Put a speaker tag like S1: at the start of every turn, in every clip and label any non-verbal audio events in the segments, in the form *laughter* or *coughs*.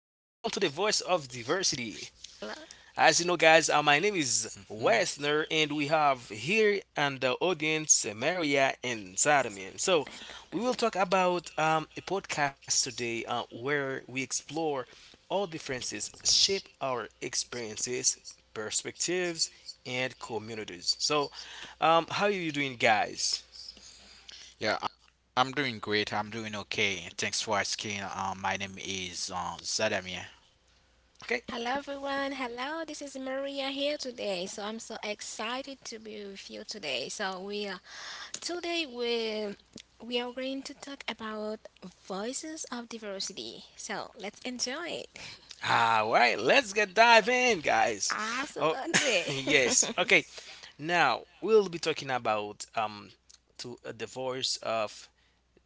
S1: the Voice of Diversity.
S2: Hello.
S1: As you know, guys, my name is Wesner, and we have here and the audience Maria and Zadamian. So, we will talk about a podcast today where we explore all differences shape our experiences, perspectives, and communities. So, how are you doing, guys?
S3: Yeah, I'm doing great. I'm doing okay. Thanks for asking. My name is Zadamir.
S1: Okay.
S2: Hello everyone. Hello, this is Maria here today. So I'm so excited to be with you today. So we are today we are going to talk about voices of diversity. So let's enjoy it.
S1: All right, let's get dive in,
S2: *laughs*
S1: guys. Oh, *laughs*
S2: Absolutely.
S1: yes.
S2: *laughs*
S1: Okay, now we'll be talking about to a divorce of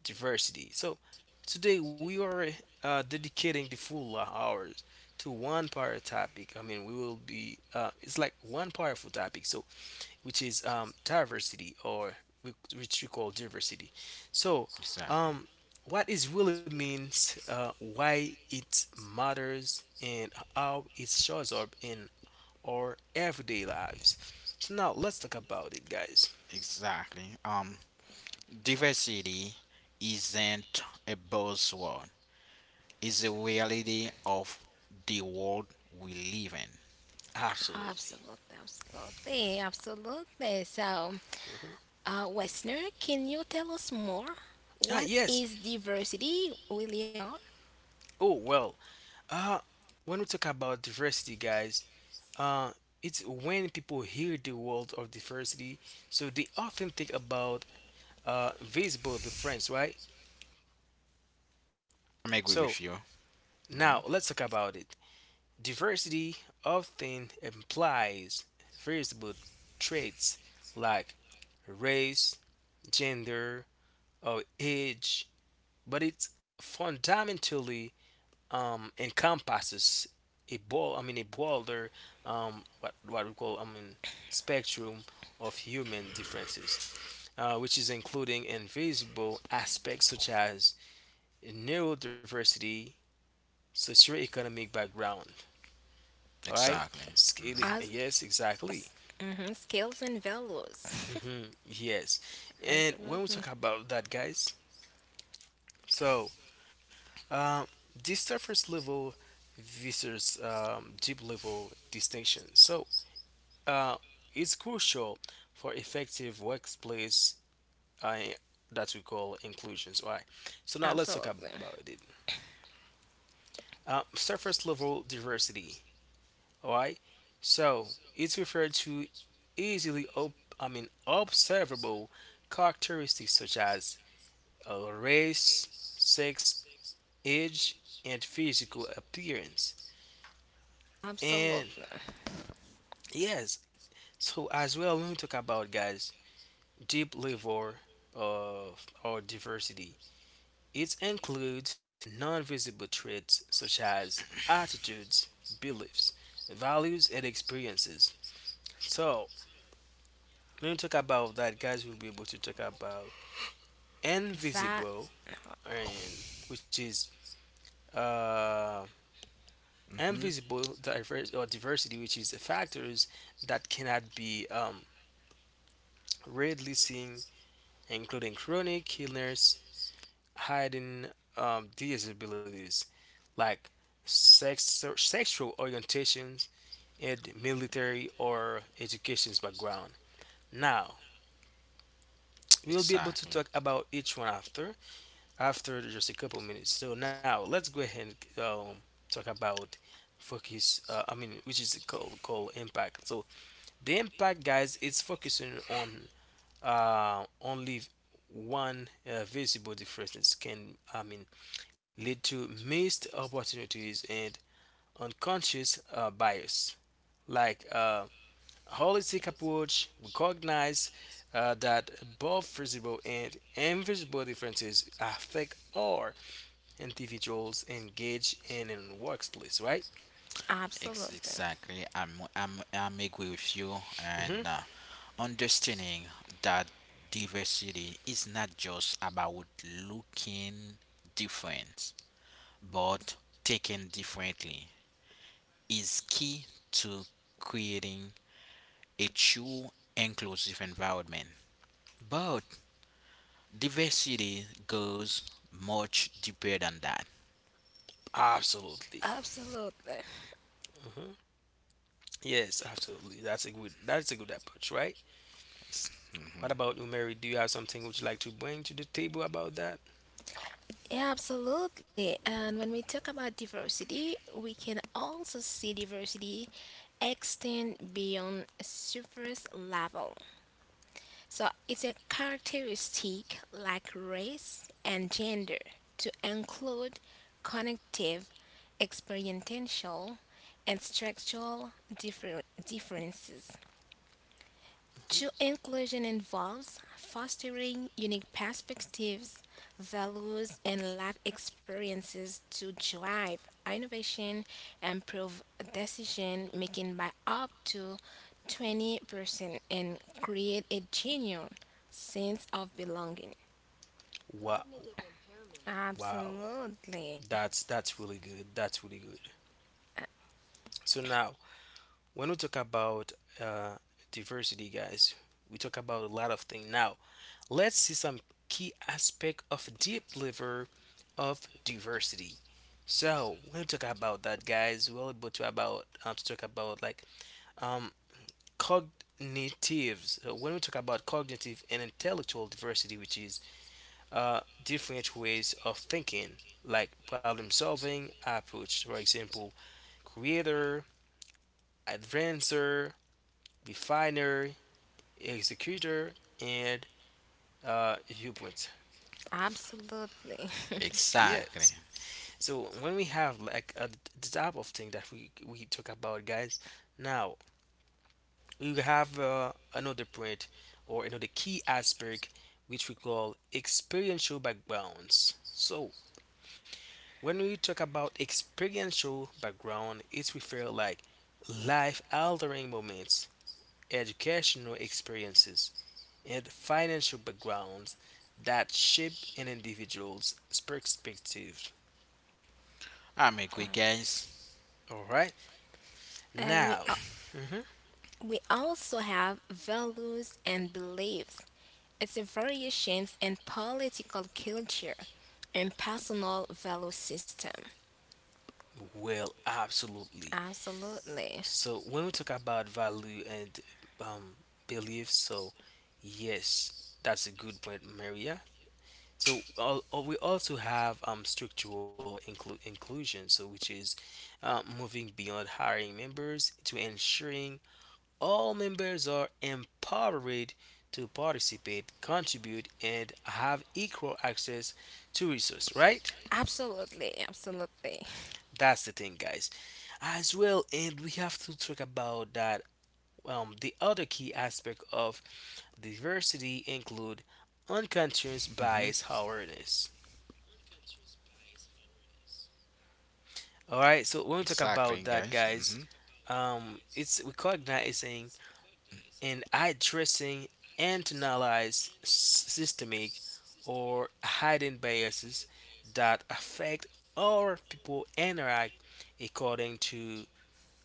S1: diversity. So today we are dedicating the full hours to one part topic. I mean, we will be it's like one powerful topic. So which is diversity or which we call diversity. So,
S3: Exactly.
S1: um, what it really means, why it matters, and how it shows up in our everyday lives. So now let's talk about it, guys.
S3: Exactly. Diversity isn't a buzzword. It's a reality of the world we live in.
S1: Absolutely.
S2: Absolutely, absolutely, absolutely. So Westner, can you tell us more?
S1: Ah,
S2: What
S1: yes.
S2: is diversity really are
S1: Oh well. Uh, when we talk about diversity, guys, uh, it's when people hear the word of diversity, so they often think about visible difference, right?
S3: I'm agree
S1: So
S3: with you.
S1: now, let's talk about it. Diversity often implies variable traits like race, gender, or age, but it fundamentally encompasses a ball, I mean, a broader, what we call, I mean, spectrum of human differences, which is including invisible aspects such as neurodiversity, socioeconomic background. All right.
S3: Exactly.
S1: Scale it.
S3: Mm-hmm.
S2: as
S1: Yes, exactly.
S2: mhm, skills and values?
S1: Hmm, yes. And when we
S2: Absolutely.
S1: talk about that, guys, so um, this surface level versus deep level distinction. So uh, it's crucial for effective workplace uh, that we call inclusions. All right. So now let's talk
S2: Absolutely.
S1: about it. Surface level diversity. All right. So it's referred to easily, I mean, observable characteristics such as race, sex, age, and physical appearance. And
S2: Absolutely.
S1: yes, so as well, let me talk about guys deep level of our diversity. It includes non-visible traits such as attitudes, beliefs, values, and experiences. So when we talk about that, guys, we'll be able to talk about
S2: That
S1: invisible, and which is uh,
S3: Mm-hmm.
S1: invisible diverse or diversity, which is the factors that cannot be readily seen, including chronic illness, hiding disabilities like sex, sexual orientations, and military or education's background. Now, we'll be able to
S3: Exactly.
S1: talk about each one after, after just a couple minutes. So now let's go ahead and talk about focus. I mean, which is called impact. So the impact, guys, it's focusing on only one visible difference can, I mean, lead to missed opportunities and unconscious bias. Like a holistic approach recognize that both visible and invisible differences affect our individuals engage in workplace, right?
S2: absolutely.
S3: Exactly. I'm agree with you, and
S1: Hmm.
S3: understanding that diversity is not just about looking different, but taken differently is key to creating a true inclusive environment. But diversity goes much deeper than that.
S1: Absolutely.
S2: Absolutely.
S1: Hmm. Yes, absolutely. That's a good. That's a good approach, right?
S3: Ex-
S1: What about you, Mary? Do you have something would you like to bring to the table about that?
S2: Yeah, absolutely. And when we talk about diversity, we can also see diversity extend beyond surface level. So it's a characteristic like race and gender to include cognitive, experiential, and structural differences. True inclusion involves fostering unique perspectives, values, and life experiences to drive innovation and improve decision making by up to 20% and create a genuine sense of belonging.
S1: Wow, wow.
S2: Absolutely.
S1: That's really good. That's really good. So now, when we talk about uh, diversity, guys, we talk about a lot of things. Now, let's see some key aspect of deep level of diversity. So we'll talk about that, guys. We'll able to about to talk about like um cognitives. So when we talk about cognitive and intellectual diversity, which is different ways of thinking, like problem solving approach, for example, creator, advancer, definer, executor, and viewpoint.
S2: Absolutely. *laughs*
S3: Exactly.
S1: Yes. So when we have like a, the type of thing that we talk about, guys, now we have another point or another key aspect which we call experiential backgrounds. So when we talk about experiential background, it refers like life-altering moments, educational experiences, and financial backgrounds that shape an individual's perspective.
S3: I'm agree, guys.
S1: All right,
S2: And
S1: now. Mhm.
S2: we also have values and beliefs. It's a variations in political culture and personal value system.
S1: Well, absolutely.
S2: Absolutely.
S1: So when we talk about value and um, belief, so yes, that's a good point, Maria. So all, we also have structural inclusion, so which is moving beyond hiring members to ensuring all members are empowered to participate, contribute, and have equal access to resource. Right?
S2: Absolutely. Absolutely.
S1: That's the thing, guys. As well, and we have to talk about that. The other key aspect of diversity include
S3: Hmm.
S1: unconscious bias awareness. All right, so when we talk
S3: Exactly,
S1: about
S3: guys.
S1: that,
S3: Hmm.
S1: guys, it's recognizing and addressing internalized systemic or hidden biases that affect our people interact according to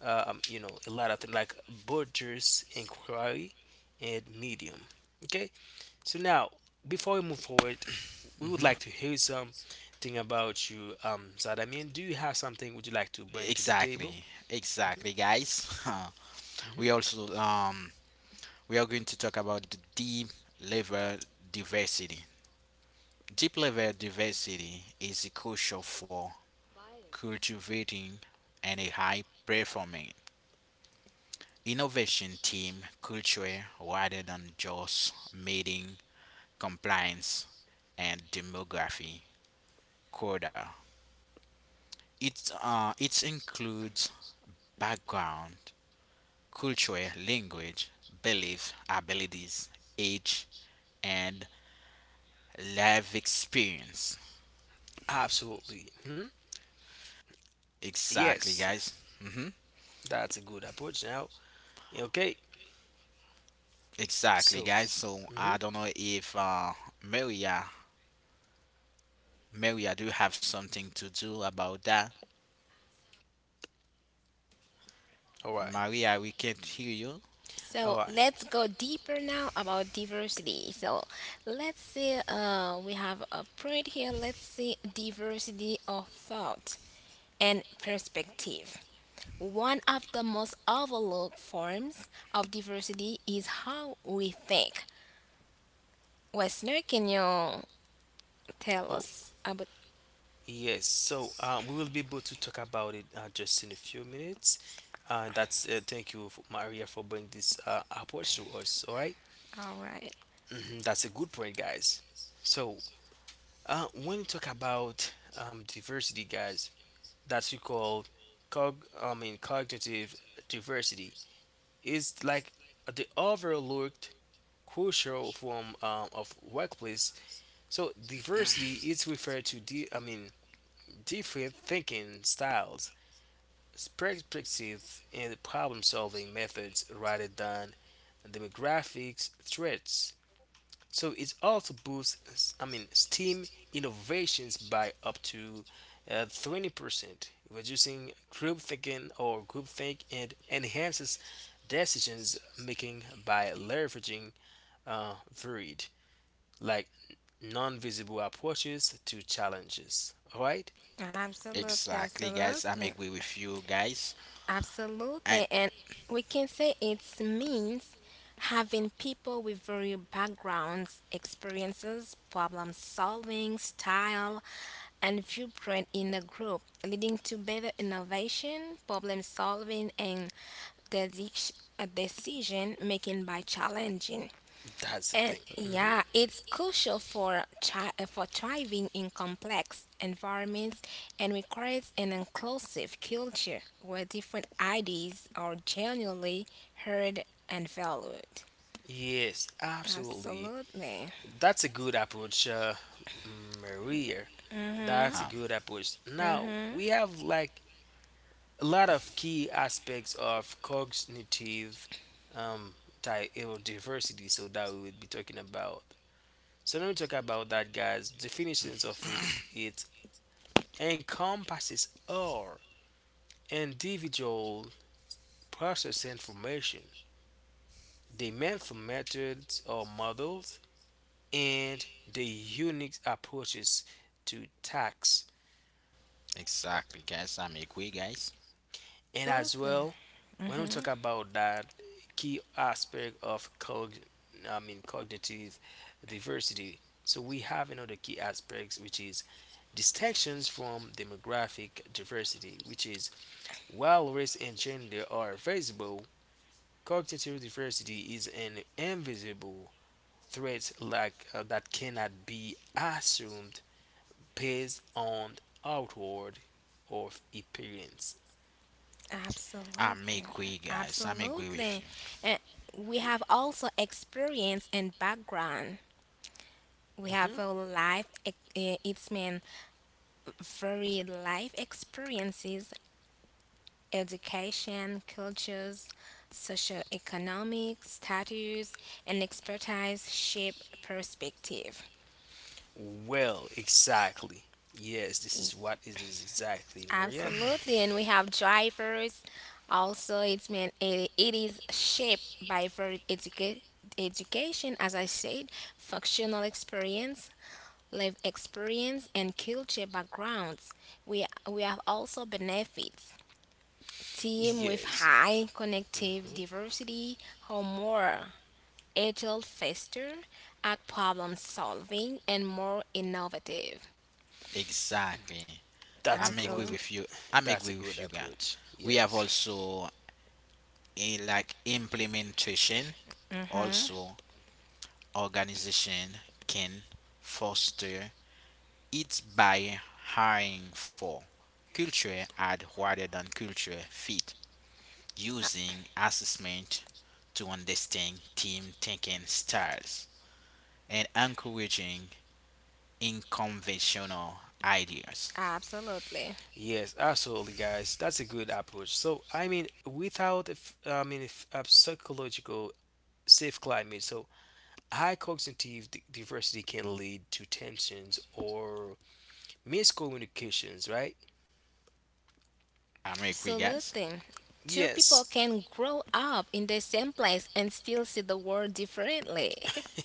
S1: you know a lot of things like Borges inquiry and medium. Okay, so now, before we move forward, we would
S3: Hmm.
S1: like to hear something about you, Zadamian. Do you have something would you like to bring to the table?
S3: Exactly, guys. *laughs*
S1: Hmm.
S3: We also we are going to talk about the deep level diversity. Deep level diversity is crucial for cultivating and a high performing innovation team culture rather than just meeting compliance and demography quota. It includes background, culture, language, belief, abilities, age, and life experience.
S1: Absolutely. Hmm.
S3: Exactly,
S1: Yes,
S3: guys. Hmm.
S1: that's a good approach. Now, okay.
S3: Exactly,
S1: So,
S3: guys. So I
S1: mhm.
S3: don't know if Maria, do you have something to do about that?
S1: All right,
S3: Maria, we can't hear you.
S2: So
S1: all right.
S2: let's go deeper now about diversity. So let's see, we have a print here. Let's see diversity of thought and perspective. One of the most overlooked forms of diversity is how we think. Westner, can you tell
S1: Oh,
S2: us about?
S1: yes. So, we will be able to talk about it just in a few minutes. That's thank you, Maria, for bringing this approach to us. All right?
S2: All right.
S1: Mhm. That's a good point, guys. So, uh, when you talk about diversity, guys, that's we call cog. I mean, cognitive diversity is like the overlooked crucial form of workplace. So diversity is referred to, the I mean, different thinking styles, perspectives, and problem-solving methods, rather than demographics, threats. So it also boosts, I mean, STEAM innovations by up to 20%, reducing group thinking or group think and enhances decisions making by leveraging varied, like non-visible approaches to challenges. All right,
S2: Absolutely,
S3: Exactly, guys. I'm
S2: absolutely.
S3: agree with you, guys.
S2: Absolutely,
S3: And
S2: and we can say it means having people with varied backgrounds, experiences, problem solving, style, and viewpoint in the group, leading to better innovation, problem solving, and the decision making by challenging
S1: that's the
S2: and
S1: thing.
S2: yeah,
S1: Hmm.
S2: it's crucial for for thriving in complex environments and requires an inclusive culture where different ideas are genuinely heard and valued.
S1: Yes, absolutely.
S2: Absolutely.
S1: That's a good approach, Maria. That's a
S3: um,
S1: good approach. Now we have like a lot of key aspects of cognitive um, diversity. So that we would be talking about. So when we talk about that, guys, definitions of it, it encompasses all individual process information, the methods or models, and the unique approaches to tasks.
S3: exactly, guys. I'm agree, guys.
S1: And as
S2: Absolutely.
S1: well, when we
S2: Hmm.
S1: talk about that key aspect of cog I mean cognitive diversity, so we have another key aspects which is distinctions from demographic diversity, which is while race and gender are visible, cognitive diversity is an invisible threat like that cannot be assumed based on outward of appearance.
S3: I'm
S2: Absolutely.
S3: agree, guys. I'm agree with
S2: Absolutely.
S3: you.
S2: And we have also experience and background. We have
S1: Mhm.
S2: a it's mean very life experiences education, cultures, socioeconomic status, and expertise shape perspective.
S1: Well, exactly. Yes, this is what it is exactly, Maria.
S2: Absolutely, and we have drivers. Also, it is shaped by very education, as I said, functional experience, life experience, and culture backgrounds. We have also benefits team with
S1: Yes,
S2: high connective diversity or more agile, faster at problem solving, and more innovative.
S3: Exactly.
S1: that's a
S3: I'm
S1: good,
S3: agree
S2: Absolutely.
S3: with you. I'm
S1: that's a
S3: agree with
S1: good
S3: you, guys.
S1: approach.
S3: We have
S1: Yes,
S3: also a like implementation. Also, organization can foster it by hiring for culture ad rather than culture fit. Using assessment to understand team thinking styles and encouraging unconventional ideas.
S2: Absolutely.
S1: yes, absolutely, guys. That's a good approach. So, I mean, without a I mean if a psychological safe climate, so high cognitive diversity can lead to tensions or miscommunications, right?
S3: I'm agree, guys.
S2: Absolutely. Two people
S1: Yes.
S2: can grow up in the same place and still see the world differently. *laughs*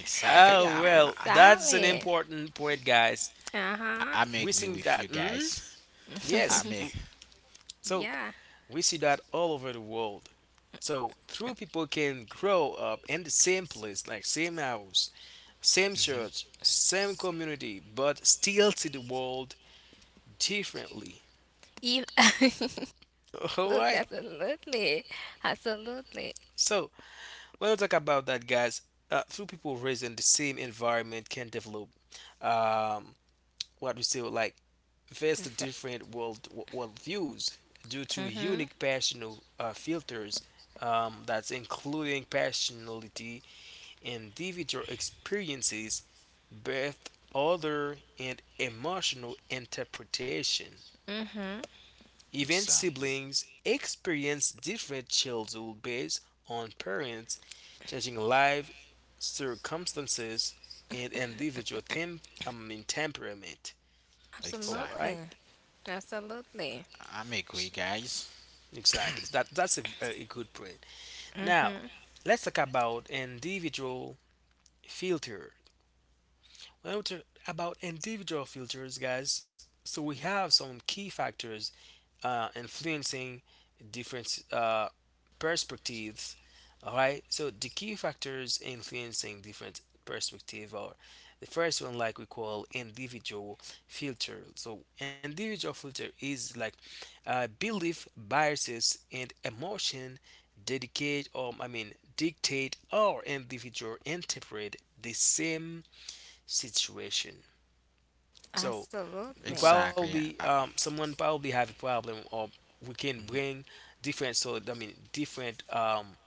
S3: Exactly.
S1: Oh
S3: Yeah,
S1: well, that's an
S2: Exactly.
S1: important point, guys.
S2: Uh huh.
S3: I'm
S1: We
S3: agree
S1: think
S3: with you
S1: that. Mm,
S3: guys.
S1: yes.
S3: I'm
S1: So
S2: Yeah.
S1: we see that all over the world. So three people can grow up in the same place, like same house, same
S3: Mhm.
S1: church, same community, but still see the world differently.
S2: If *laughs*
S1: *laughs*
S2: absolutely,
S1: Alright?
S2: absolutely, absolutely.
S1: So when we talk about that guys, three people raised in the same environment can develop um what we say like vastly different world views due to
S2: Mm-hmm.
S1: unique passional filters, that's including passionality, individual experiences, birth other and emotional interpretation.
S2: Mm-hmm.
S1: Even
S3: Exactly.
S1: siblings experience different childhood based on parents, changing life circumstances, and individual I mean, temperament. All right,
S3: Exactly.
S2: Absolutely. Absolutely.
S3: I'm agree, guys.
S1: exactly. That that's a good point.
S2: Mm-hmm.
S1: Now, let's talk about individual filter. When we talk about individual filters, guys, so we have some key factors influencing different perspectives. All right, so the key factors influencing different perspective are the first one, like we call individual filter. So individual filter is like belief, biases, and emotion dedicate or I mean dictate our individual interpret the same situation. So we
S2: Absolutely.
S3: Exactly.
S1: probably someone probably have a problem or we can
S3: Mhm.
S1: bring different so I mean different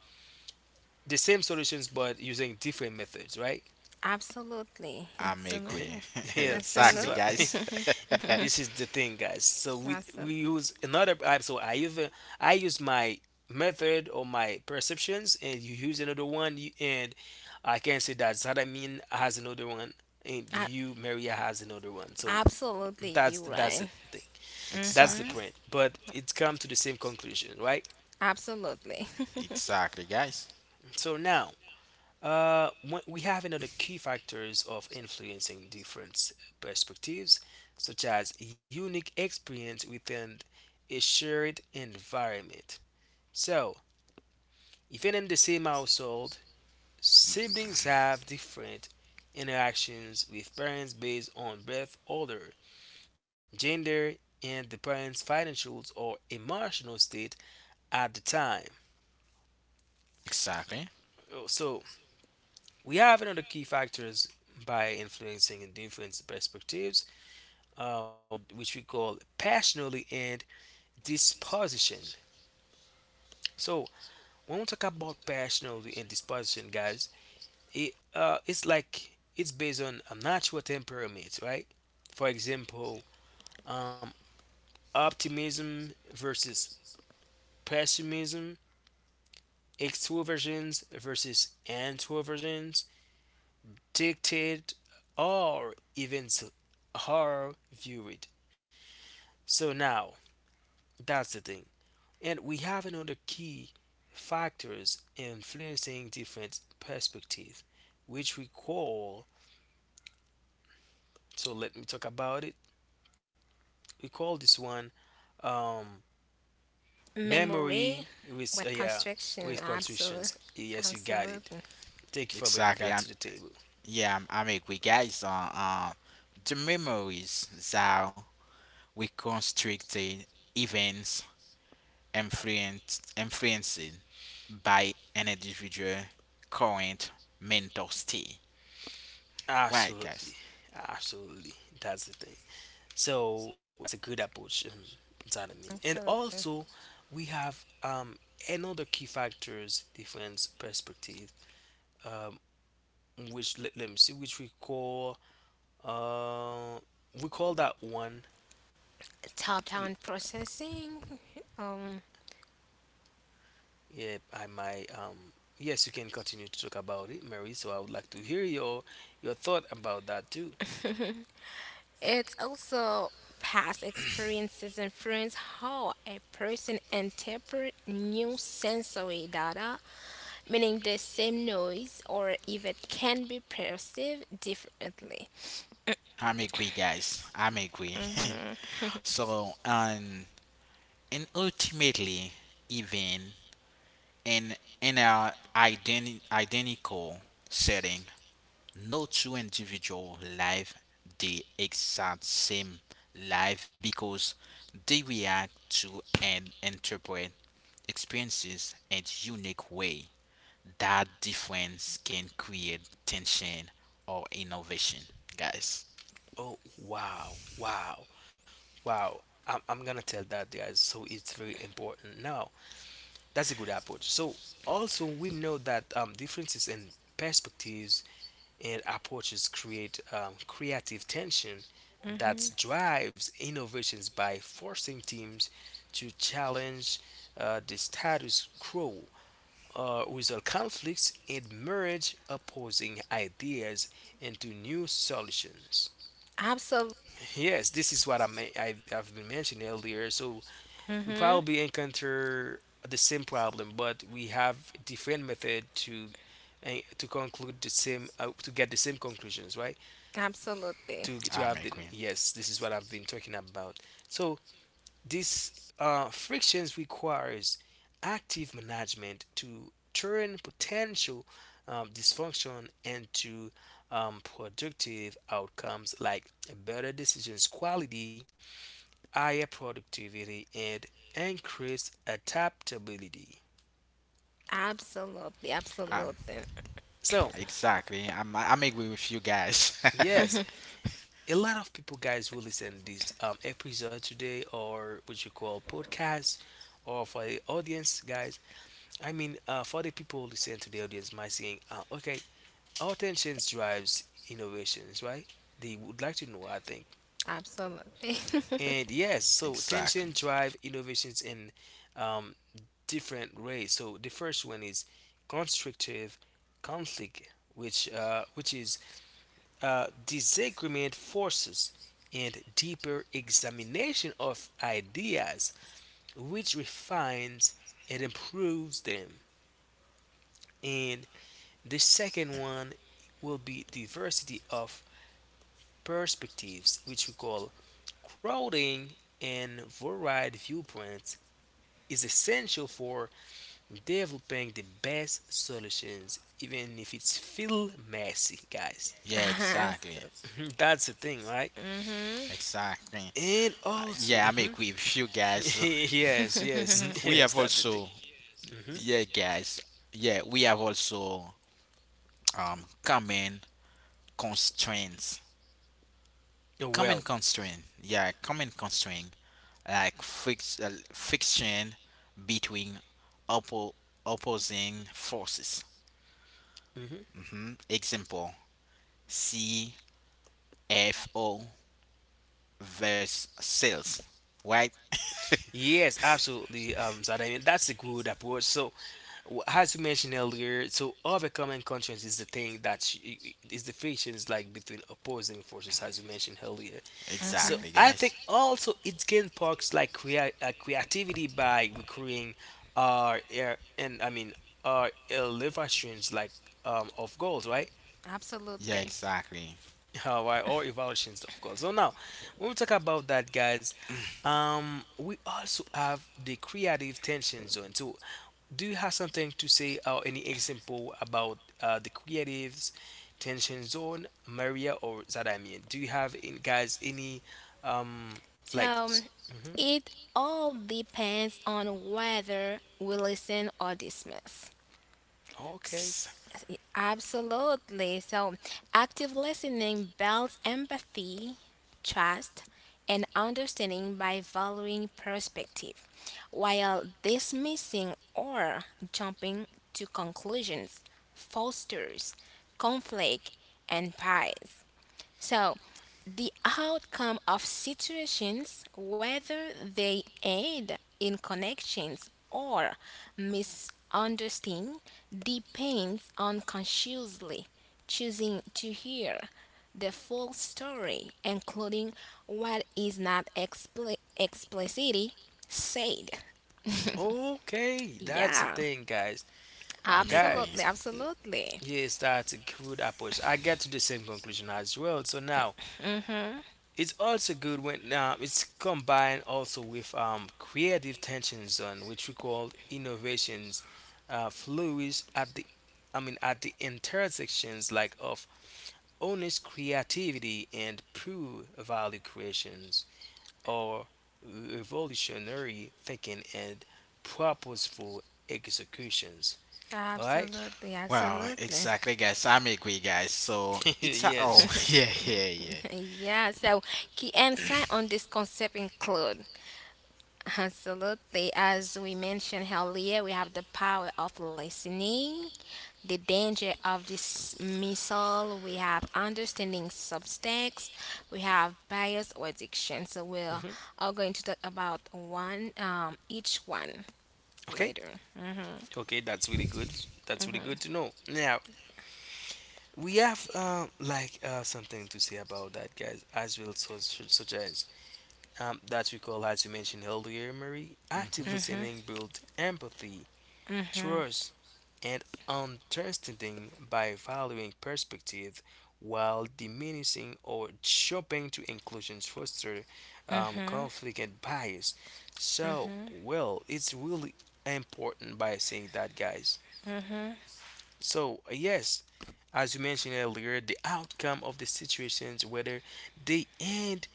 S1: the same solutions but using different methods, right?
S2: Absolutely.
S3: I'm
S1: *laughs*
S3: agree.
S2: Absolutely.
S3: *laughs*
S1: Yes, this is
S3: Exactly,
S1: what
S3: guys. *laughs*
S2: Absolutely. *laughs*
S1: *laughs* this is the thing guys. So we
S2: Absolutely.
S1: use another app so I even I use my method or my perceptions and you use another one you, and I can say that Zadamin has another one and you Maria has another one. So
S2: Absolutely, you're right.
S1: that's the thing.
S2: Mm,
S1: That's the
S3: Exactly.
S1: print, but it's come to the same conclusion, right?
S2: absolutely.
S3: Exactly, guys.
S1: So now, we have another key factors of influencing different perspectives, such as unique experience within a shared environment. So, even in the same household, siblings have different interactions with parents based on birth order, gender, and the parents' financial or emotional state at the time.
S3: Exactly.
S1: So we have another key factors by influencing and different perspectives, which we call passionality and disposition. So when we talk about passionality and disposition, guys, it it's like it's based on a natural temperament, right? For example, um, optimism versus pessimism, extroversions versus introversions, dictate or events are viewed. So now that's the thing. And we have another key factors influencing different perspectives, which we call, so let me talk about it. We call this one um
S2: *laughs* Memory
S1: memory with
S2: with
S1: yeah
S2: construction.
S1: with
S2: Absolutely.
S1: contritions. Yes, you got it.
S2: Absolutely.
S1: Thank you for bringing
S3: Exactly.
S1: that
S3: I'm
S1: to the table.
S3: Yeah, I'm agree, guys. The memories that we constricted events influenced by an individual current mental state. Right,
S1: Absolutely,
S3: guys.
S1: absolutely. That's the thing. So that's a good approach. That I mean, and
S2: Absolutely.
S1: also we have another key factors difference perspective, um, which let me see, which we call uh, we call that one. l-
S2: Top-down processing. Um,
S1: Yeah, I might. Yes, you can continue to talk about it, Mary. So I would like to hear your thought about that too.
S2: it's also past experiences influence how a person interpret new sensory data meaning the same noise or if it can be perceived differently.
S3: I'm agree, guys. I'm agree. *laughs*
S2: Hmm.
S3: So, and ultimately, even in our identical setting, no two individual live the exact same life because they react to and interpret experiences in unique way. That difference can create tension or innovation, guys.
S1: Oh wow, wow, wow! I'm gonna tell that, guys. So it's very important now. That's a good approach. So also we know that differences in perspectives and approaches create creative tension that
S2: Hmm.
S1: drives innovations by forcing teams to challenge the status quo, resolve conflicts, and merge opposing ideas into new solutions.
S2: Absolutely.
S1: Yes, this is what I've been mentioning earlier. So we
S2: Hmm.
S1: probably encounter the same problem, but we have different method to eh, to conclude the same to get the same conclusions, right?
S2: Absolutely.
S1: To
S3: I'm
S1: have the
S3: agreeing.
S1: Yes, this is what I've been talking about. So this frictions requires active management to turn potential dysfunction into productive outcomes like better decisions quality, higher productivity, and increased adaptability.
S2: Absolutely.
S3: I
S2: Absolutely.
S1: So,
S3: Exactly. I'm agree with you guys.
S1: yes,
S2: *laughs*
S1: a lot of people, guys, who listen this episode today or what you call podcast or for the audience, guys, I mean for the people who listen to the audience might saying, okay, attention drives innovations, right? They would like to know, I think.
S2: Absolutely.
S1: And yes,
S3: *laughs*
S1: so tension
S3: Exactly.
S1: drive innovations and um, different ways. So the first one is constructive conflict, which is disagreement forces and deeper examination of ideas, which refines and improves them. And the second one will be diversity of perspectives, which we call crowding, and varied viewpoints is essential for developing the best solutions even if it's feel messy, guys.
S3: Yeah, exactly.
S2: *laughs*
S1: *laughs* That's the thing, right?
S2: Mhm.
S3: Exactly.
S1: And
S3: Yeah, I'm
S1: also
S3: agree
S1: mhm.
S3: with you guys.
S1: *laughs*
S3: *laughs*
S1: Yes,
S3: Mhm.
S1: yes,
S3: We have
S1: yes, that's the
S3: also.
S1: thing. Mhm.
S3: Yeah, guys. Yeah, we have also, common constraints. Common
S1: Well,
S3: constraint. Yeah, common constraint, like fix friction between oppo- opposing forces.
S1: mhm.
S3: Hmm. Example: CFO versus sales. Right?
S1: Yes, absolutely. Zad, I mean, that's a good approach, so as you mentioned earlier, so overcoming constraints is the thing is the frictions like between opposing forces as you mentioned earlier. So
S2: Hmm.
S3: Exactly,
S1: I think
S3: guys.
S1: also it can sparks like creativity by recreating our and I mean our elevations like of goals, right?
S3: Yeah,
S2: Absolutely.
S3: exactly.
S1: Why or evaluations of goals. So now when we talk about that, guys, we also have the creative tension zone. So do you have something to say or any example about the creative tension zone, Maria or Zadamian? Do you have in, guys, any um
S2: So
S1: like?
S2: it all depends on whether we listen or dismiss.
S1: Okay.
S2: S-
S3: Ex-
S2: Absolutely. So, active listening builds empathy, trust, and understanding by valuing perspective, while dismissing or jumping to conclusions fosters conflict and pride. So, the outcome of situations, whether they end in connections or misunderstanding, depends on consciously choosing to hear the full story, including what is not explicitly said.
S1: Okay. That's the
S2: Yeah,
S1: thing, guys.
S3: I'm agree.
S2: absolutely,
S1: Guys,
S2: absolutely.
S1: yes, that's a good approach. I get to the same conclusion as well. So now it's also good when it's combined also with creative tension zone, which we call innovations, flourish at I mean at the intersections like of honest creativity and pure value creations are revolutionary thinking and purposeful executions, all right?
S2: Absolutely,
S3: Wow,
S2: absolutely.
S3: exactly, guys. I'm agree, guys. So
S1: *laughs*
S3: it's a oh,
S1: Yes.
S3: *laughs* yeah, yeah, yeah.
S2: Yeah, so key insight on this concept include absolutely, as we mentioned earlier, we have the power of listening, the danger of dismissal, we have understanding subtext, we have bias or addiction. So we're
S1: Hmm.
S2: all going to talk about each one
S1: Okay.
S2: later. Mm-hmm.
S1: Okay, that's really good. That's really good to know. Now, we have like something to say about that, guys, as well, so, such as that we call, as you mentioned earlier, Marie, active
S3: Mm-hmm.
S1: listening build empathy,
S2: Mm-hmm.
S1: trust, and understanding by valuing perspective while diminishing or jumping to inclusions foster
S2: Mm-hmm. Mm-hmm.
S1: conflict and bias. So,
S2: Mm-hmm.
S1: well, it's really important by saying that, guys.
S2: Mm-hmm.
S1: So, yes, as you mentioned earlier, the outcome of the situations, whether they end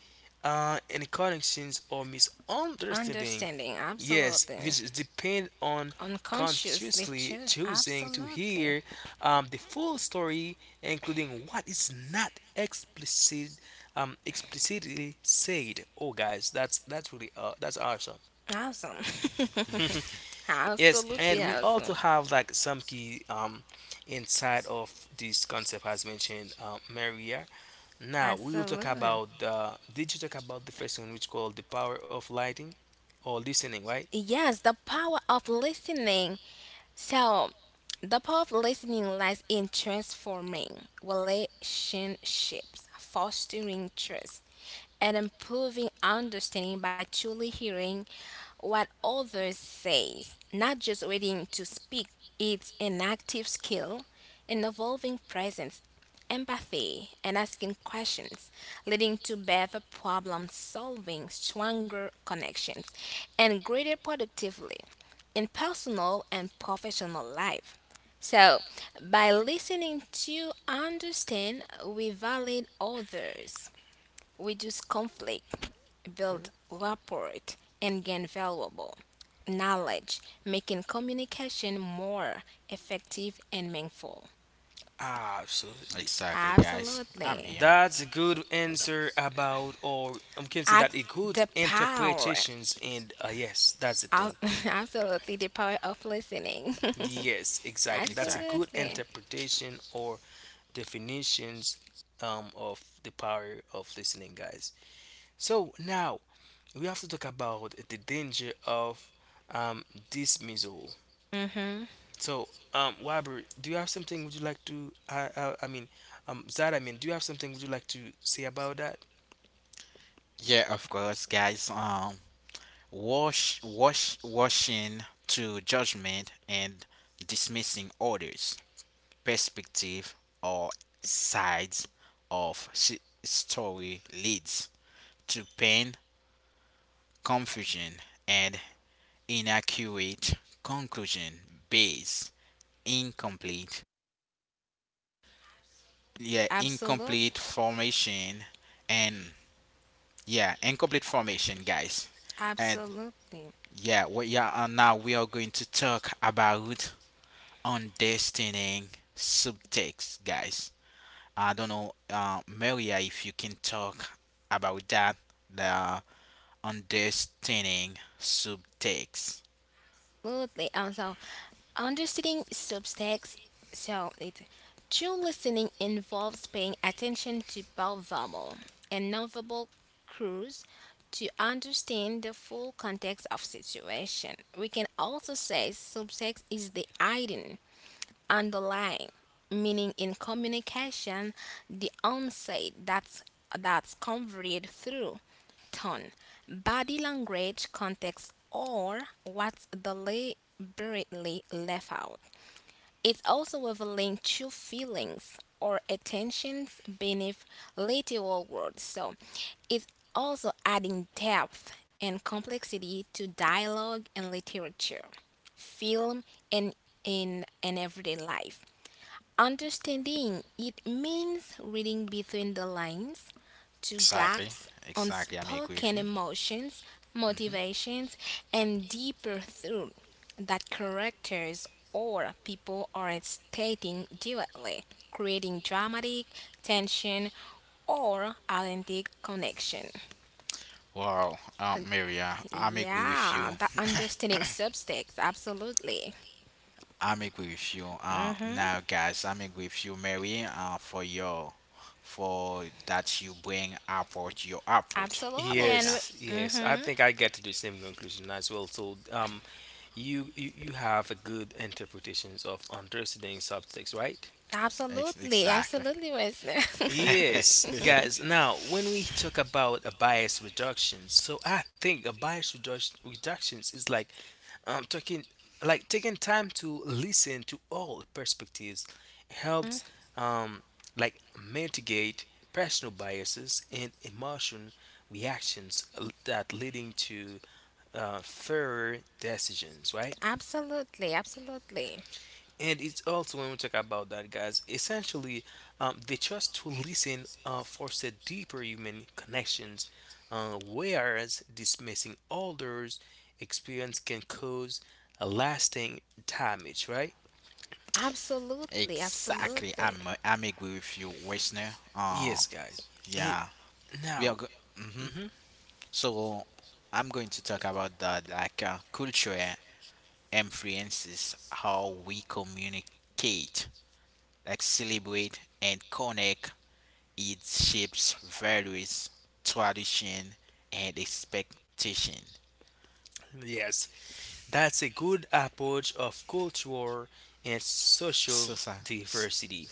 S1: in connections or misunderstanding,
S2: Understanding,
S1: yes,
S2: absolutely.
S1: which depend on
S2: Unconsciously
S1: consciously
S2: choose.
S1: choosing to
S2: Absolutely.
S1: hear the full story, including what is not explicitly said. Oh, guys, that's really that's awesome.
S2: Awesome.
S1: *laughs*
S2: *laughs*
S1: Yes,
S2: Absolutely
S1: and we
S2: awesome.
S1: also have like some key inside of this concept as mentioned, Maria. Now we will talk
S2: Absolutely.
S1: about did you talk about the first one which called the power of lighting or listening, right?
S2: Yes, the power of listening. So, the power of listening lies in transforming relationships, fostering trust, and improving understanding by truly hearing what others say, not just waiting to speak. It's an active skill, an evolving presence, empathy, and asking questions, leading to better problem solving, stronger connections, and greater productivity in personal and professional life. So, by listening to understand, we validate others, reduce conflict, build rapport, and gain valuable knowledge, making communication more effective and meaningful.
S1: Absolutely.
S3: Exactly, guys. I'm
S2: Absolutely.
S3: here.
S1: That's a good answer about, or I can say
S2: Act
S1: that, a good
S2: the power
S1: interpretations and, yes, that's the
S2: of-
S1: thing.
S2: *laughs* Absolutely, the power of listening.
S1: Yes,
S2: *laughs*
S1: exactly. That's a
S3: Exactly.
S1: good
S2: Absolutely.
S1: interpretation or definitions of the power of listening, guys. So now we have to talk about the danger of um, dismissal.
S2: Hmm.
S1: So, Wabri, do you have something? Would you like to? I mean, Zad, I mean, do you have something? Would you like to say about that?
S3: Yeah, of course, guys. Washing to judgment and dismissing orders. Perspective or sides of story leads to pain, confusion, and inaccurate conclusion based incomplete, yeah,
S2: Absolutely.
S3: incomplete formation, and yeah, incomplete formation, guys, and
S2: Absolutely.
S3: yeah, we yeah, and now we are going to talk about understanding subtext, guys. I don't know, Maria, if you can talk about that, the understanding subtext.
S2: Absolutely. So understanding subtext. So it true listening involves paying attention to both verbal and nonverbal cues to understand the full context of situation. We can also say subtext is the hidden underlying, meaning in communication, the onset that's conveyed through tone, body language, context, or what's deliberately left out. It's also revealing true feelings or attentions beneath literal words. So it's also adding depth and complexity to dialogue and literature, film, and in an everyday life. Understanding it means reading between the lines to
S3: Exactly,
S2: grasp
S3: exactly. I'm agree with
S2: unspoken
S3: you.
S2: emotions,
S3: Hmm.
S2: motivations, and deeper thought that characters or people are stating directly, creating dramatic tension or authentic connection.
S3: Wow,
S2: Uh,
S3: Maria, I'm agree with you.
S2: Yeah, that understanding subtext, absolutely.
S3: I'm agree with you.
S2: Hmm.
S3: Now, guys, I'm agree with you, Mary, for for that you bring apart your apart
S2: Absolutely,
S3: about
S2: and.
S3: that.
S1: Yes, yes. I
S2: Mm-hmm.
S1: think I get to the same conclusion as well. So, you have a good interpretations of understanding subtext, right?
S2: Absolutely,
S3: Exactly.
S2: absolutely,
S3: *laughs*
S2: Wesley.
S1: Yes, guys. Now, when we talk about a bias reduction, so I think a bias reduction reductions is like talking like taking time to listen to all perspectives helps um, like mitigate personal biases and emotion reactions that leading to fairer decisions,
S2: *laughs*
S1: right?
S2: Absolutely, absolutely,
S1: And it's also when we talk about that, guys, essentially, they chose to listen foster deeper human connections, whereas dismissing others' experience can cause a lasting damage, right?
S2: absolutely, absolutely.
S3: Exactly, I'm agree with you, Wesner.
S1: Yes, guys.
S3: Yeah, We are
S1: Now,
S3: go- hmm
S1: mhm,
S3: So I'm going to talk about that, like culture influences how we communicate, like celebrate and connect. It shapes values, tradition, and expectation.
S1: yes, that's a good approach of culture and
S3: So,
S1: social
S3: so s-
S1: diversity.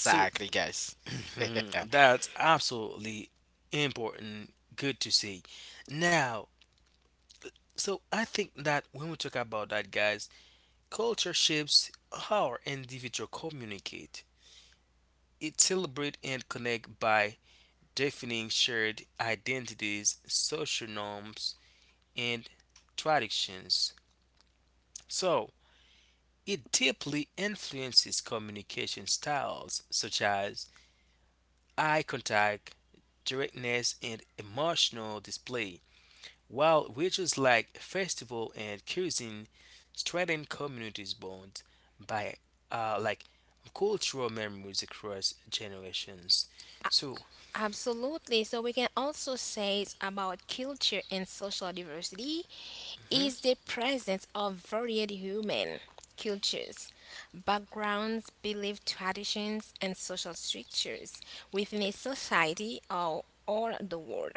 S1: So
S3: guys.
S1: *clears throat* that's absolutely important. Good to see. Now, so I think that when we talk about that, guys, culture shapes how our individual communicate. It celebrate and connect by defining shared identities, social norms, and traditions. So it deeply influences communication styles such as eye contact, directness, and emotional display, while rituals like festival and cuisine strengthen communities' bonds by like cultural memories across generations. So,
S2: Absolutely. So we can also say it's about culture and social diversity
S1: mhm.
S2: is the presence of varied human cultures, backgrounds, belief traditions, and social structures within a society or the world,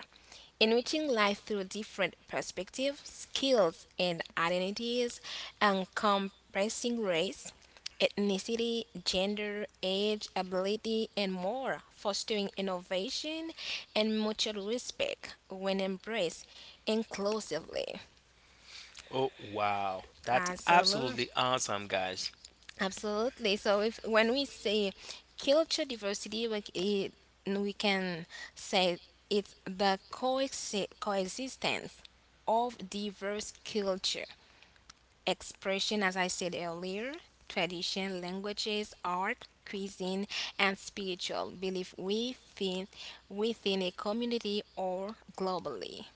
S2: enriching life through different perspectives, skills, and identities, encompassing race, ethnicity, gender, age, ability, and more, fostering innovation and mutual respect when embraced inclusively.
S1: Oh wow, that's
S2: Absolutely.
S1: absolutely awesome, guys.
S2: Absolutely. So if when we say culture diversity, we can say it's the coexistence of diverse culture expression, as I said earlier, tradition, languages, art, cuisine, and spiritual belief within a community or globally.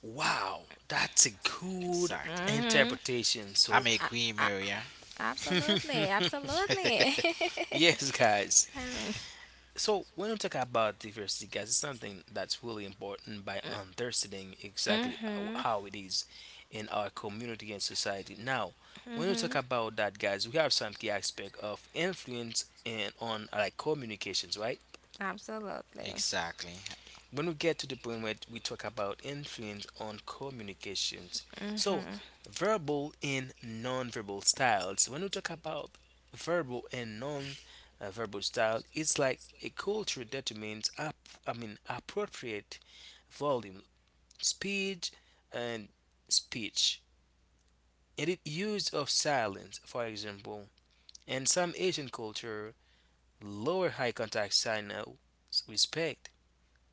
S1: Wow, that's a
S3: *laughs*
S1: good
S3: Exactly.
S2: Hmm.
S1: interpretation.
S3: I'm
S1: So,
S3: agree, Maria.
S2: Absolutely,
S1: *laughs*
S2: absolutely.
S3: *laughs*
S1: yes, guys.
S2: *laughs*
S1: So when we talk about diversity, guys, it's something that's really important by understanding exactly how
S2: Mm-hmm.
S1: how it is in our community and society. Now, when we talk about that, guys, we have some key aspect of influence and on like communications, right?
S2: Absolutely.
S3: Exactly.
S1: When we get to the point where we talk about influence on communications, so verbal and non-verbal styles. When we talk about verbal and non-verbal style, it's like a culture determines up I mean appropriate volume, speed, and speech, and it use of silence. For example, in some Asian culture, lower high contact signal respect,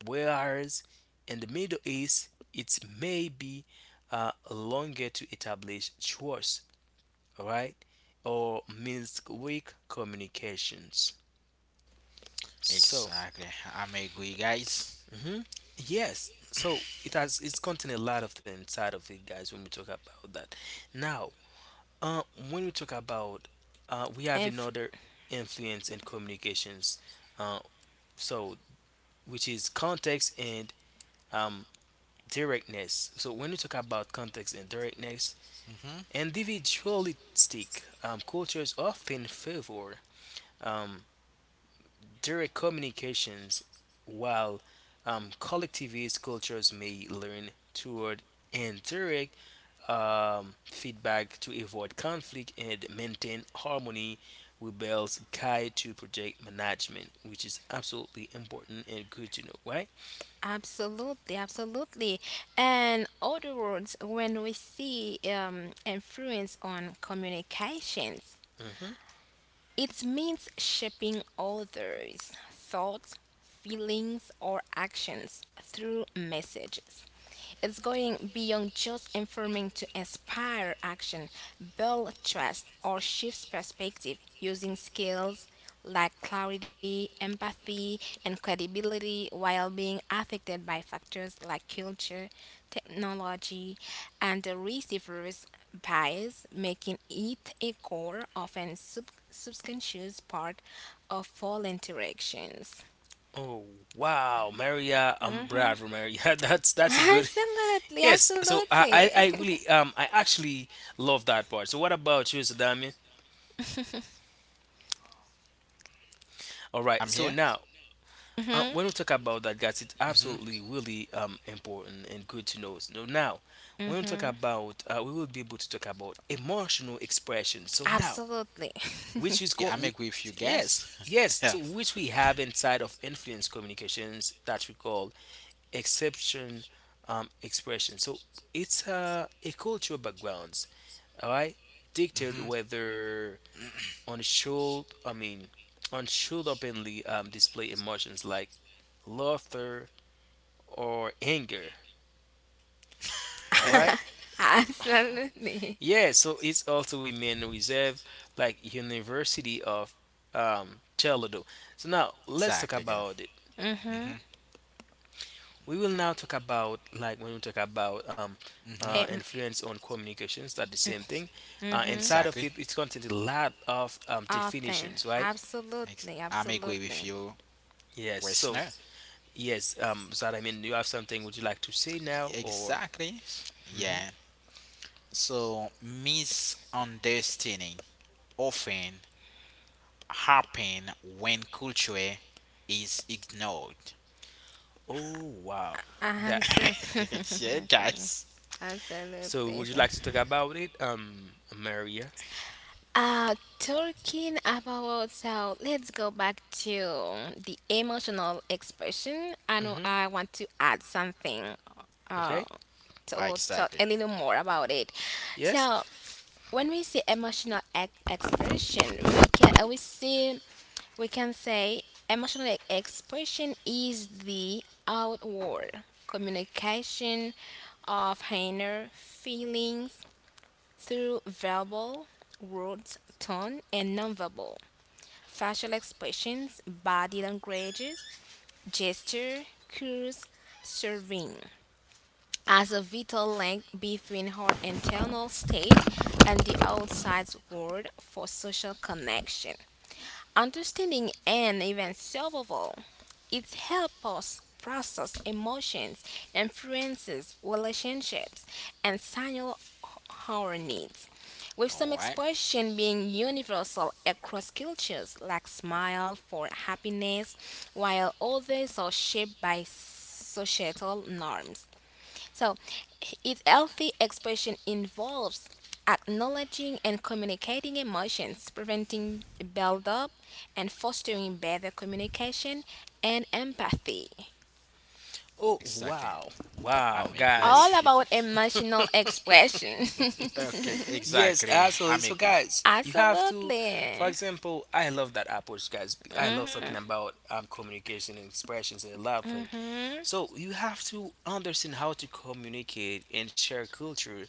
S1: whereas in the Middle East, it may be longer to establish trust, right? Or means weak communications. So,
S3: Exactly. I'm agree, guys.
S1: mhm, yes. So it's contained a lot of the inside of it, guys. When we talk about that, now, uh, when we talk about, we have
S2: If
S1: another influence and communications. Uh, so which is context and um directness. So when you talk about context and directness,
S3: Hmm.
S1: individualistic cultures often favor um, direct communications, while collectivist cultures may lean toward indirect feedback to avoid conflict and maintain harmony. Rebels guide to project management, which is absolutely important and good to know, right?
S2: absolutely, absolutely. And other words, when we see influence on communications,
S1: Mhm.
S2: it means shaping others' thoughts, feelings, or actions through messages. It's going beyond just informing to inspire action, build trust, or shift perspective using skills like clarity, empathy, and credibility while being affected by factors like culture, technology, and the receiver's bias, making it a core, often subconscious part of all interactions.
S1: Oh wow, Maria, Brad, Maria. *laughs* That's a
S2: *laughs*
S1: good. *laughs*
S2: Absolutely,
S1: Yes. So I
S2: absolutely.
S1: really
S2: *laughs*
S1: I actually love that part. So what about you, Sir Damien? All right.
S3: I'm
S1: So
S3: here.
S1: now
S2: Hmm.
S1: when we talk about that, guys, it's
S3: Hmm.
S1: absolutely really important and good to know. So now when we talk
S2: Hmm.
S1: about we will be able to talk about emotional expression. So now
S2: Absolutely.
S1: which is
S3: Yeah,
S1: going
S3: I'm
S1: we.
S3: agree with you
S1: Yes,
S3: guys.
S1: yes,
S3: *laughs* Yeah.
S1: so which we have inside of influence communications that we call exception expression. So it's a cultural backgrounds, all right, dictate
S3: Hmm.
S1: whether on should I mean on should openly display emotions like laughter or anger, all right.
S2: *laughs* Absolutely.
S1: Yeah, so it's also remain reserve like University of Toledo. So now
S3: *laughs*
S1: let's talk
S3: Exactly, girl.
S1: about
S2: Mhm.
S3: Hmm.
S1: we will now talk about, like, when we talk about
S3: Hmm.
S2: Em-
S1: influence on communications, that's the same thing.
S2: Mhm.
S1: Inside of
S3: Exactly.
S1: it, it's contained a lot of
S2: Often.
S1: definitions, right?
S2: Absolutely.
S3: I'm agree with
S2: Absolutely.
S3: you,
S1: Yes, so
S3: Westner.
S1: yes, so, I mean, you have something, would you like to say now, or
S3: Exactly.
S1: mhm?
S3: Yeah. So misunderstanding often happen when culture is ignored.
S1: Oh wow, that.
S2: Absolutely. *laughs*
S3: *laughs* Yeah,
S2: That's right.
S3: guys.
S1: So
S2: Absolutely.
S1: would you
S2: So,
S1: like to talk about it, Maria?
S2: Uh, talking about so let's go back to the emotional expression. I know
S1: Hmm.
S2: I want to add something uh
S1: Okay.
S3: Ah,
S2: to talk
S3: exactly.
S2: a little more about it.
S1: Yes.
S2: So when we see expression, we can say expression is the outward communication of inner feelings through verbal words, tone, and nonverbal facial expressions, body languages, gesture, cues, serving as a vital link between her internal state and the outside world for social connection. Understanding and even survival, it helps us process emotions, influences, relationships, and signal our needs, with some
S3: All right.
S2: expression being universal across cultures, like smile for happiness, while others are shaped by societal norms. So, if healthy expression involves acknowledging and communicating emotions, preventing buildup, and fostering better communication and empathy.
S1: Oh
S3: Exactly.
S1: wow. Wow,
S3: I'm agree
S1: guys.
S2: All
S3: with you.
S2: about emotional expression. *laughs*
S3: Okay,
S1: Yes,
S3: exactly.
S1: absolutely.
S3: I'm
S1: So,
S3: agree.
S1: guys, you have to, for
S2: Absolutely.
S1: example, I love that approach, guys. I love
S2: Hmm.
S1: talking about communication and expressions and a lot of things.
S2: Hmm.
S1: So, you have to understand how to communicate and share culture,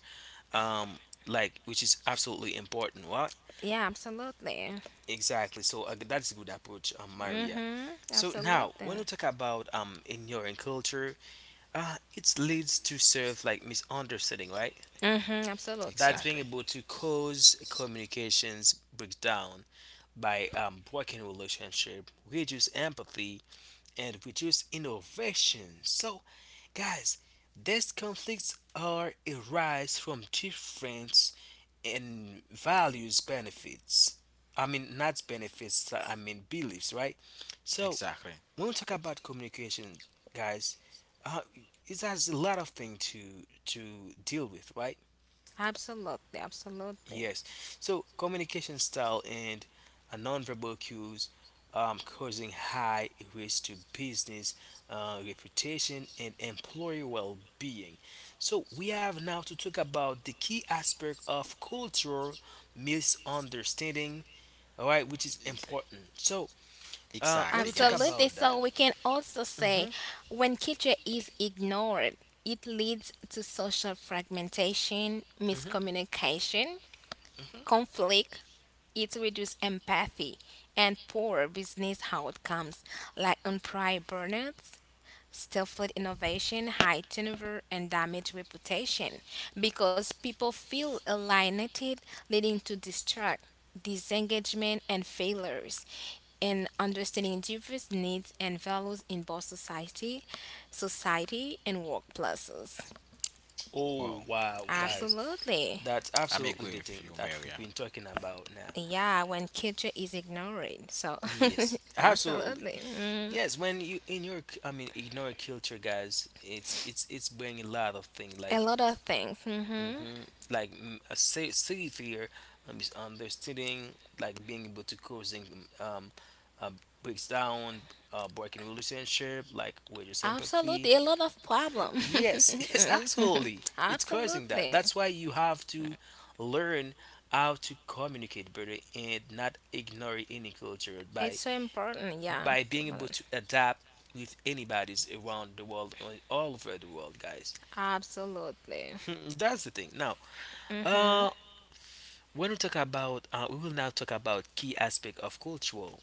S1: um, like, which is absolutely important, right?
S2: Yeah, absolutely.
S1: Exactly. So, that's a good approach, Maria.
S2: Hmm.
S1: So now,
S2: Absolutely.
S1: when we talk about ignoring culture, it leads to serve like misunderstanding, right?
S2: Hmm. Absolutely.
S1: That's being
S3: Exactly.
S1: able to cause communications breakdown by breaking relationship, reduce empathy, and reduce innovation. So, guys, these conflicts are arise from difference in values, benefits. I mean, not benefits. I mean beliefs, right? So
S3: Exactly.
S1: when we talk about communication, guys, uh, it has a lot of things to deal with, right?
S2: Absolutely. Absolutely.
S1: Yes. So communication style and nonverbal cues causing high risk to business reputation and employee well-being. So we have now to talk about the key aspect of cultural misunderstanding, all right, which is
S3: Ex-
S1: important. So when
S3: Exactly,
S1: we talk
S3: guys.
S2: Absolutely.
S1: about that,
S2: So we can also say
S1: hmm
S2: when culture is ignored, it leads to social fragmentation,
S1: hmm
S2: miscommunication, conflict, it reduces empathy, and poor business outcomes like on prior burnouts stifled innovation, high turnover, and damaged reputation because people feel alienated, leading to distract, disengagement, and failures. In understanding diverse needs and values in both society, and workplaces.
S1: oh
S3: Well,
S1: wow, guys,
S2: Absolutely.
S1: that's
S3: I'm
S1: absolutely
S3: agree
S1: the
S3: with
S1: thing
S3: you,
S1: that we've
S3: Maria.
S1: been talking about now.
S2: Yeah, when culture is ignored. So,
S1: Yes,
S2: *laughs*
S1: absolutely.
S2: absolutely. Mm.
S1: Yes, when you in your, I mean, in your culture, guys, it's bringing a lot of things
S2: A
S1: like,
S2: lot of things. Hmm.
S1: hmm like a safe here, is understanding, like being able to causing, um, uh, breaks down, breaking relationship, like with your sympathy.
S2: Absolutely, a lot of problem.
S1: Yes, *laughs* yes, absolutely,
S2: *laughs*
S1: it's causing that.
S2: Absolutely,
S1: That's why you have to learn how to communicate better and not ignore any culture
S2: it's so important. Yeah,
S1: by being
S2: to
S1: able
S2: learn.
S1: to adapt with anybody's around the world all over the world, guys.
S2: Absolutely,
S1: *laughs* That's the thing now. uh when we talk about we will now talk about key aspect of cultural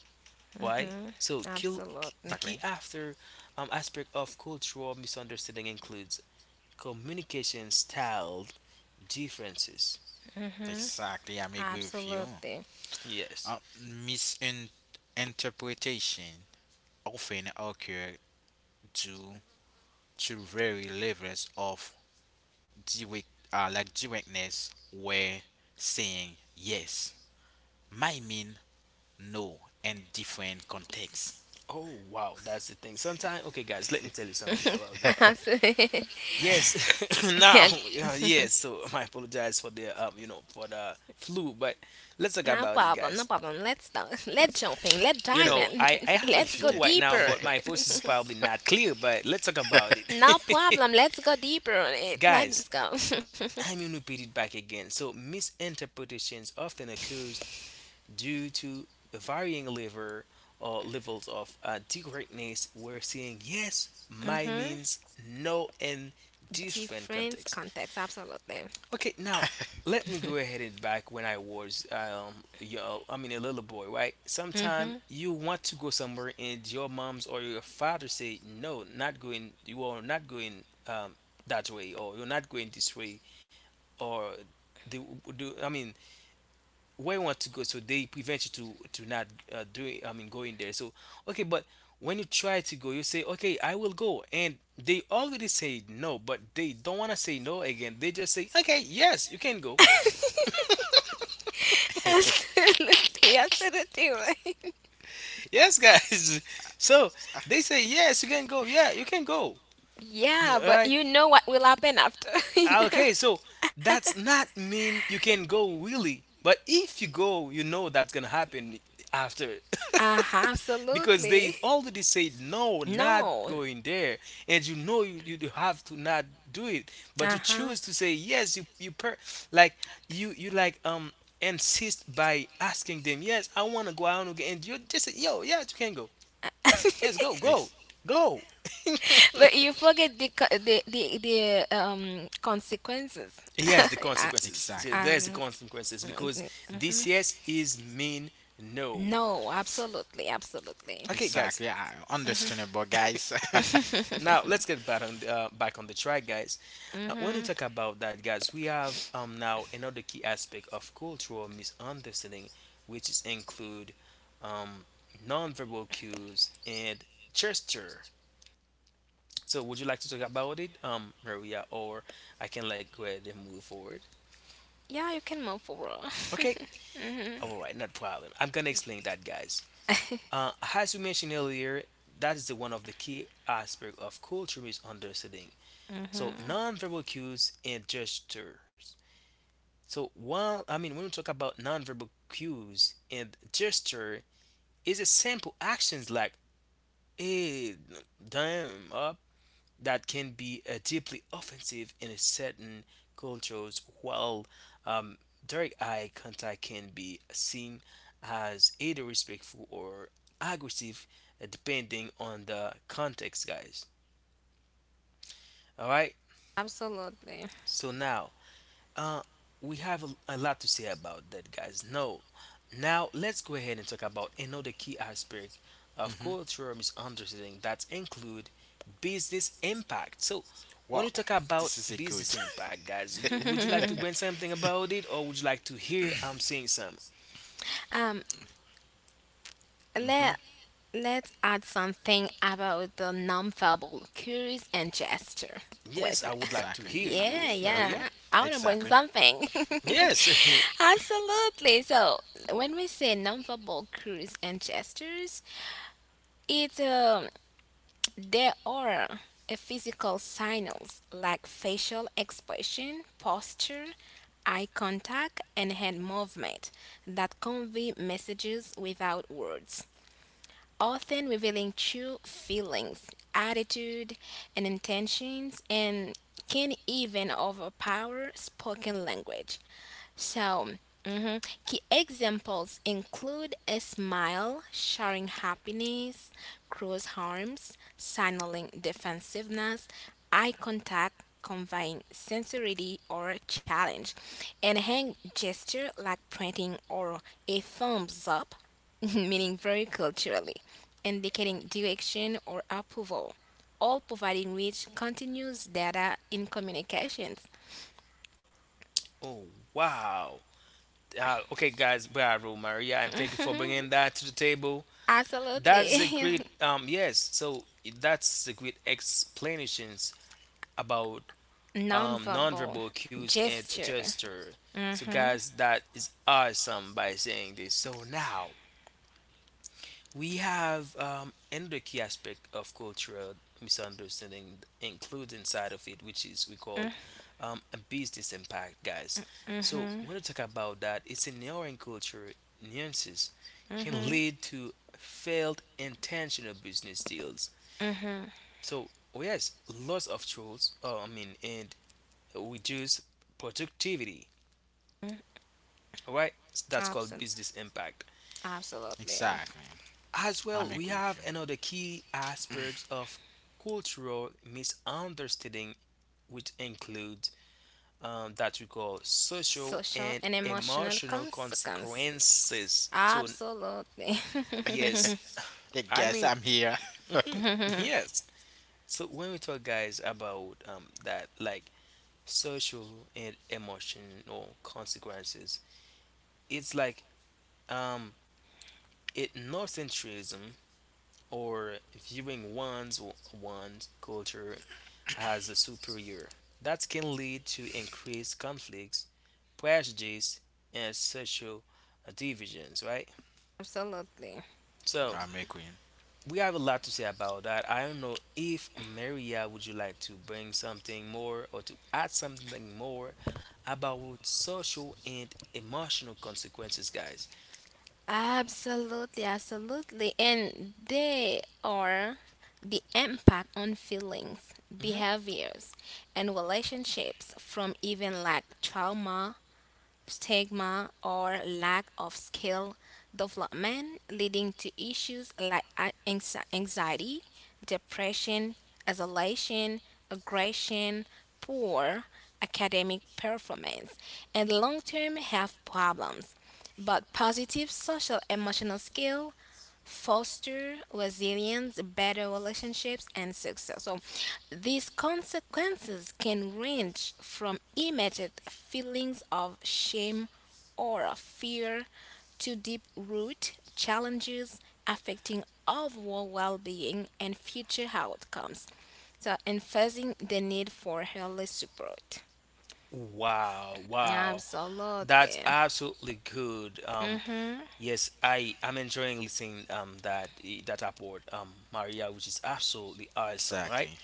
S1: why, so kill, the
S2: absolutely,
S1: key
S3: Exactly.
S1: after, aspect of cultural misunderstanding includes communication style differences.
S2: hmm,
S3: Exactly. I'm agree with you.
S2: absolutely,
S1: Yes.
S3: Uh, Misinterpretation often occur due to very levels of the weak, like the weakness were saying yes, my mean no, in different contexts.
S1: Oh wow, that's the thing. Sometimes, okay guys, let me tell you something about that.
S2: *laughs* absolutely.
S1: Yes, *laughs* *coughs* now,
S2: Yeah,
S1: yes. So I apologize for the for the flu, but let's talk
S2: no
S1: about it,
S2: problem, no
S1: guys.
S2: problem. Let's start. *laughs* Let's jump in. Let's
S1: You
S2: dive
S1: know,
S2: in.
S1: I
S2: *laughs*
S1: have a
S2: Let's
S3: If you
S2: go
S3: can,
S1: flu right now,
S2: deeper.
S1: but my voice
S2: *laughs*
S1: is probably not clear. But let's talk about it,
S2: No problem.
S1: *laughs*
S2: Let's go deeper on it. Let's
S1: guys.
S2: go.
S1: I'm gonna repeat it back again. So misinterpretations often occurs due to varying level or levels of directness. We're saying yes,
S2: *laughs*
S1: my
S2: Mm-hmm.
S1: means no in different
S2: Different
S1: contexts.
S2: context. Absolutely.
S1: Okay, now let me go ahead and back when I was yo I mean a little boy, right? Sometime
S2: Mm-hmm.
S1: you want to go somewhere and your mom's or your father say no, not going, you are not going that way, or you're not going this way, or the, do I mean where you want to go, so they prevent you to not doing, I mean going there. So okay, but when you try to go you say okay I will go and they already say no but they don't want to say no again. They just say okay yes you can go.
S2: *laughs* Absolutely. Absolutely. Right.
S1: Yes, guys. *laughs* So they say yes, you can go. Yeah, you can go.
S2: Yeah,
S1: *laughs* All
S2: but
S1: right.
S2: you know what will happen after, *laughs* you know?
S1: Okay. So that's not mean you can go really, but if you go, you know that's gonna happen after,
S2: Uh-huh,
S1: *laughs* because they
S2: absolutely.
S1: already said no, not
S2: No.
S1: going there, and you know you, you do have to not do it, but you
S2: Uh-huh.
S1: choose to say yes. You per, like you like insist by asking them yes, I wanna go. I wanna go, and you just say yo yes, you can go. Yes, go, go,
S3: Ex-
S1: go. *laughs*
S2: But you forget the co- the consequences. *laughs*
S1: Yes, the
S2: I,
S1: consequences. Yes,
S3: exactly,
S1: there's the
S2: um,
S1: consequences because this
S2: mhm.
S1: yes is mean no.
S2: No, absolutely, absolutely.
S1: Okay, guys.
S3: exactly. I
S2: Mhm.
S3: understandable, guys. *laughs*
S1: *laughs* Now let's get back on the track, guys. When we
S2: Mhm.
S1: talk about that, guys, we have now another key aspect of cultural misunderstanding, which is include um nonverbal cues and gesture. So, would you like to talk about it, Maria, or I can like go ahead and move forward?
S2: Yeah, you can move forward. *laughs*
S1: Okay.
S2: Mhm.
S1: All right, not problem. I'm gonna explain that, guys. As we mentioned earlier, that is the one of the key aspect of culture is understanding. So nonverbal cues and gestures. So while, I mean when we talk about nonverbal cues and gesture, is a simple actions like hey, damn, up, that can be deeply offensive in a certain cultures, while um, direct eye contact can be seen as either respectful or aggressive, depending on the context, guys. All right,
S2: Absolutely.
S1: so now Uh, we have a lot to say about that, guys. No, now let's go ahead and talk about another key aspect of
S3: Hmm.
S1: cultural misunderstanding that include business impact. So, when
S3: Wow,
S1: you talk about
S3: this is a good.
S1: business impact, guys, would you like to bring something about it, or would you like to hear I'm saying some?
S2: Um,
S3: *laughs* Hmm.
S2: let Let's add something about the nonverbal cues and gesture.
S1: Yes,
S2: Wesner.
S1: I would like to
S2: *laughs*
S3: Exactly.
S1: hear
S2: Yeah,
S1: you,
S3: Uh,
S2: yeah.
S3: okay.
S1: Maria.
S2: I want to bring
S3: Exactly.
S2: something. *laughs*
S1: Yes. *laughs*
S2: Absolutely. So, when we say nonverbal cues and gestures, it there are a physical signals like facial expression, posture, eye contact, and hand movement that convey messages without words often revealing true feelings, attitude, and intentions, and can even overpower spoken language. So, mhm, key examples include a smile, sharing happiness, crossed arms, signaling defensiveness, eye contact, conveying sincerity or challenge, and hand gesture like pointing or a thumbs up, *laughs* meaning very culturally, indicating direction or approval all providing rich continuous data in communications.
S1: Oh wow. Okay, guys, bravo, Maria, and thank you for bringing that to the table. That's a
S2: Absolutely. *laughs*
S1: great yes. So that's a great explanations about
S2: Nonverbal
S1: nonverbal cues and
S2: gesture.
S1: gesture. So
S2: Mhm.
S1: guys, that is awesome by saying this. So now we have another key aspect of cultural misunderstanding includes inside of it, which is we call a business impact, guys. So
S2: Mhm.
S1: when we talk about that, it's ignoring our culture nuances can
S2: Mhm.
S1: lead to failed intentional business deals.
S2: Mhm.
S1: So oh yes, lots of tools. I mean, and reduce productivity. All right, that's called
S2: Absolutely.
S1: business impact.
S2: Absolutely.
S3: Exactly.
S1: As
S3: I'm
S1: well, we
S3: agree with you.
S1: have another key aspect of cultural misunderstanding, which includes that we call social
S2: Social
S1: and
S2: and emotional
S1: emotional
S2: consequences.
S1: consequences. So
S2: Absolutely.
S1: yes,
S3: Yeah,
S1: I
S3: guys,
S1: mean
S3: I'm here.
S1: mhm,
S2: *laughs*
S1: yes. So when we talk, guys, about that, like social and emotional consequences, it's like um, ethnocentrism, or viewing one's culture as a superior. That can lead to increased conflicts, prejudice, and social divisions. Right.
S2: Absolutely.
S3: *laughs*
S1: So
S3: I'm agree.
S1: we have a lot to say about that. I don't know if Maria, would you like to bring something more or to add something more about social and emotional consequences, guys.
S2: Absolutely. Absolutely. And they are the impact on feelings,
S1: hmm
S2: behaviors, and relationships from even like trauma stigma, or lack of skill development, leading to issues like anxiety, depression, isolation, aggression, poor academic performance, and long term health problems. But positive social emotional skill foster resilience, better relationships, and success. So, these consequences can range from immediate feelings of shame or of fear to deep root challenges affecting overall well being and future outcomes. So, emphasizing the need for early support.
S1: Wow, wow. That's
S2: Absolutely.
S1: absolutely good.
S2: Hmm.
S1: Yes, I'm enjoying listening that that upward Maria, which is absolutely awesome, right?
S3: Exactly.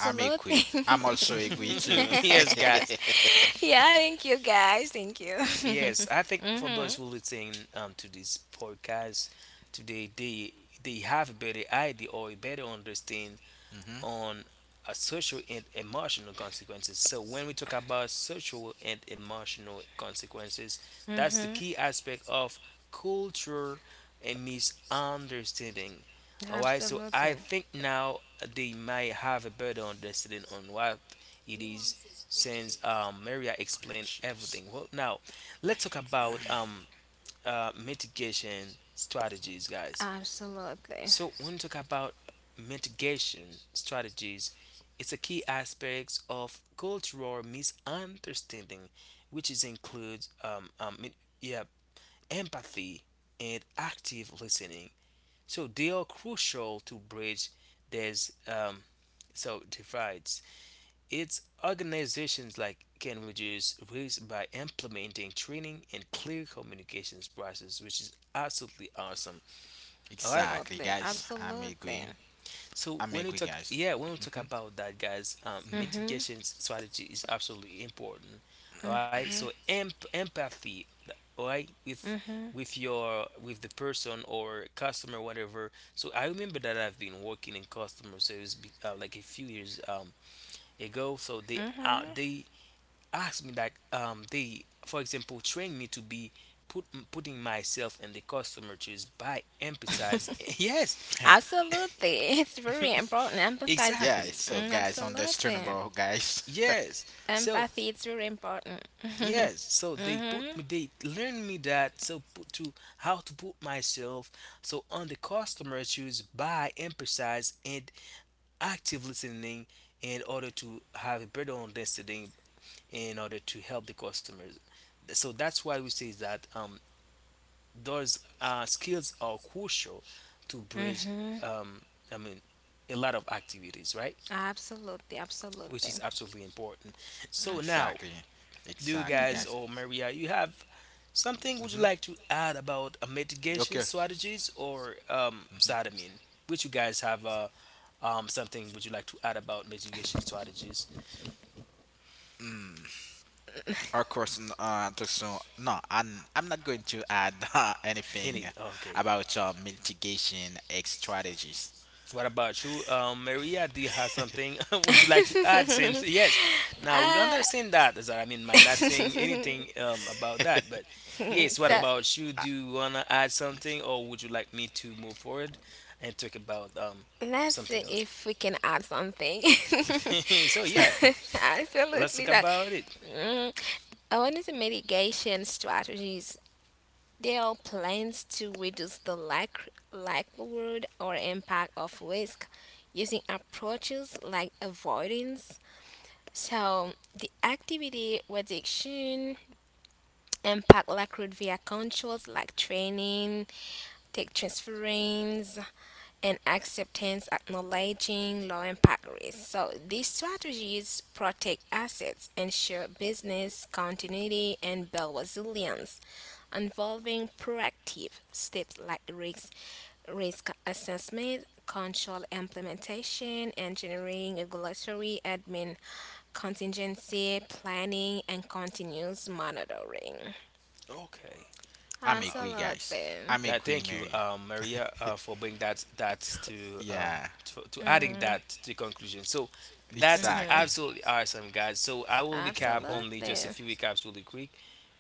S3: I'm agree. I'm also agree too.
S1: *laughs* Yes, guys.
S2: *laughs* Yeah, thank you guys. Thank you. *laughs*
S1: Yes, I think for those who listening to this podcast today, they have a better idea or a better understanding
S3: *laughs* Hmm.
S1: on a social and emotional consequences. So when we talk about social and emotional consequences, that's the
S2: Mhm.
S1: key aspect of culture and misunderstanding. All right, so
S2: Absolutely.
S1: I think now they might have a better understanding on what it is since Maria explained
S3: Prejudice.
S1: everything. Well, now let's talk about mitigation strategies, guys.
S2: Absolutely.
S1: So when we talk about mitigation strategies, it's a key aspect of cultural misunderstanding, which is includes yeah, empathy and active listening. So they are crucial to bridge these so divides. It's organizations like can reduce risk by implementing training and clear communications process, which is absolutely awesome. All right.
S3: Exactly,
S2: Absolutely.
S3: guys. I'm
S2: Absolutely.
S3: agree.
S1: So
S3: I'm
S1: when we
S3: agree,
S1: talk,
S3: guys.
S1: yeah, when we talk
S3: Mhm.
S1: about that, guys,
S3: Mhm.
S2: Mhm.
S1: mitigation strategy is absolutely important. All right.
S2: Mhm.
S1: So empathy, all right,
S2: Mhm.
S1: with your with the person or customer, whatever. So I remember that I've been working in customer service like a few years ago. So
S2: Mhm.
S1: they asked me that they, for example, trained me to be. Put, putting myself in the customer shoes by emphasize. *laughs* Yes.
S3: *laughs*
S2: Absolutely. *laughs* It's very important.
S1: *laughs*
S2: Empathize.
S3: Yeah.
S1: Exactly.
S3: So,
S2: Mm,
S3: guys,
S2: absolutely.
S3: understandable, guys. *laughs*
S1: Yes. So
S2: Empathy it's very important.
S1: yes. So they put
S2: Mhm.
S1: me. They learn me that. So put to how to put myself. So on the customer choose by emphasize and active listening in order to have a better understanding in order to help the customer. So that's why we say that those skills are crucial to bridge
S2: Mhm.
S1: um I mean a lot of activities, right,
S2: Absolutely.
S1: which is
S2: Absolutely.
S1: absolutely important. So now
S3: Exactly.
S1: do you
S3: Exactly,
S1: guys
S3: guys.
S1: or Maria, you have something would you
S3: Mhm.
S1: like to add about mitigation
S3: Okay.
S1: strategies or Zadamine? Which you guys have something would you like to add about mitigation strategies?
S3: Mm. Of course. So, no. I'm not going to add *laughs* anything
S1: Any, okay.
S3: about mitigation X strategies.
S1: What about you, Maria? Do you have something *laughs* would you like to add? Since yes, now we
S2: Ah.
S1: understand that Zadamine might not saying anything about that, but
S2: *laughs*
S1: yes, what
S2: So
S3: Yeah.
S1: about you?
S3: I,
S1: Do you wanna add something, or would you like me to move forward and talk about
S2: let's see
S1: something else?
S2: if we can add something. *laughs*
S1: *laughs* So
S2: So,
S1: yeah,
S2: *laughs*
S1: let's
S2: absolutely.
S1: talk
S2: Like,
S1: about it.
S2: mm, I wanted to mitigation strategies. They are plans to reduce the like, likelihood or impact of risk using approaches like avoidance. So, the activity reduction impact likelihood via controls like training, tech transference, and acceptance acknowledging low impact risks. So these strategies protect assets, ensure business continuity, and build resilience, involving proactive steps like risk assessment, control implementation, engineering, regulatory admin, contingency planning, and continuous monitoring.
S1: Okay.
S3: I'm
S1: Wow.
S3: agree, guys.
S2: Absolutely.
S3: I'm
S1: God,
S3: agree,
S1: thank you,
S3: Mary.
S1: Maria, for bringing that that
S3: Yeah.
S1: to adding
S2: Mm,
S1: that to the conclusion. So that's it's
S3: Exactly.
S1: absolutely awesome, guys. So I will recap
S3: Mhm.
S1: only just a
S2: absolutely.
S1: few recaps really quick.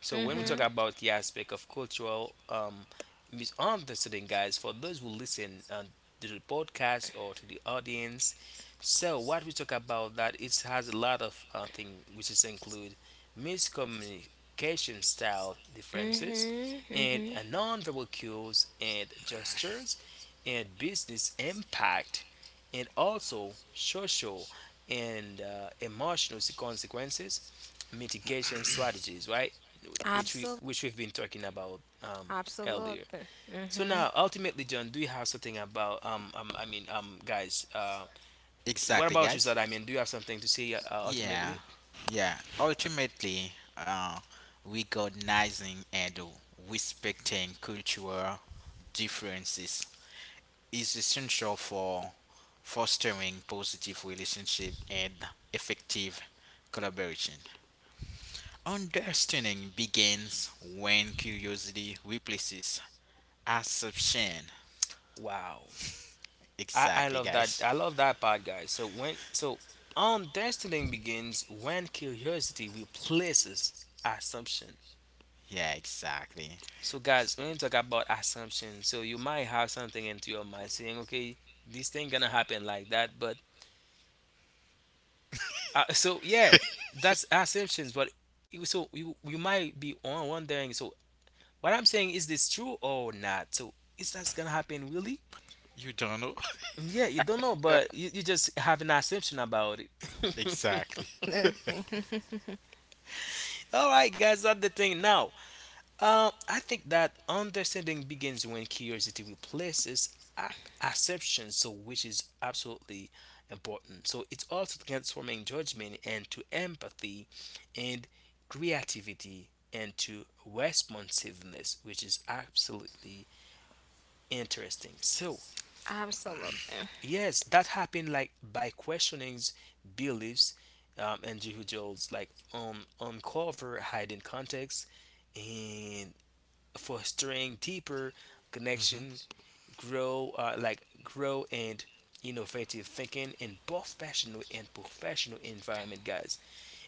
S1: So when we
S2: Hmm.
S3: Mhm.
S1: talk about the aspect of cultural misunderstanding, guys, for those who listen to the podcast or to the audience, so what we talk about, that it has a lot of things which is include miscommunication style differences
S2: Mhm.
S1: and
S2: Mhm.
S1: nonverbal cues and gestures and business impact and also social and emotional consequences, mitigation strategies, right, which we
S2: Absolutely.
S1: which we've been talking about earlier.
S2: Absolutely.
S1: So
S2: Mhm.
S1: now, ultimately, John, do you have something about I mean guys, what
S3: Exactly,
S1: about you,
S3: guys.
S1: Zad? I mean, do you have something to say
S3: Yeah,
S1: ultimately?
S3: yeah. Ultimately, recognizing and respecting cultural differences is essential for fostering positive relationship and effective collaboration. Understanding begins when curiosity replaces assumption.
S1: Wow, I
S3: Exactly,
S1: love that,
S3: guys.
S1: I love that part, guys. So when so understanding begins when curiosity replaces assumption.
S3: Yeah, exactly.
S1: So guys, when you talk about assumption, so you might have something into your mind saying, okay, this thing gonna happen like that, but so yeah, that's assumptions, but you- so you might be on wondering. So what I'm saying, is this true or not? So is that gonna happen really?
S3: You don't know.
S1: Yeah, you don't know, but you just have an assumption about it.
S3: *laughs* Exactly. *laughs*
S2: Absolutely.
S1: *laughs* All right, guys, that's the thing now. I think that understanding begins when curiosity replaces acceptance, so which is absolutely important. So it's also transforming judgment into empathy and creativity into responsiveness, which is absolutely interesting. So
S2: *laughs* Absolutely.
S1: yes, that happened like by questioning beliefs and individuals like uncover hidden context and for string deeper
S3: Hmm.
S1: connection, grow like grow and innovative thinking in both personal and professional environment, guys.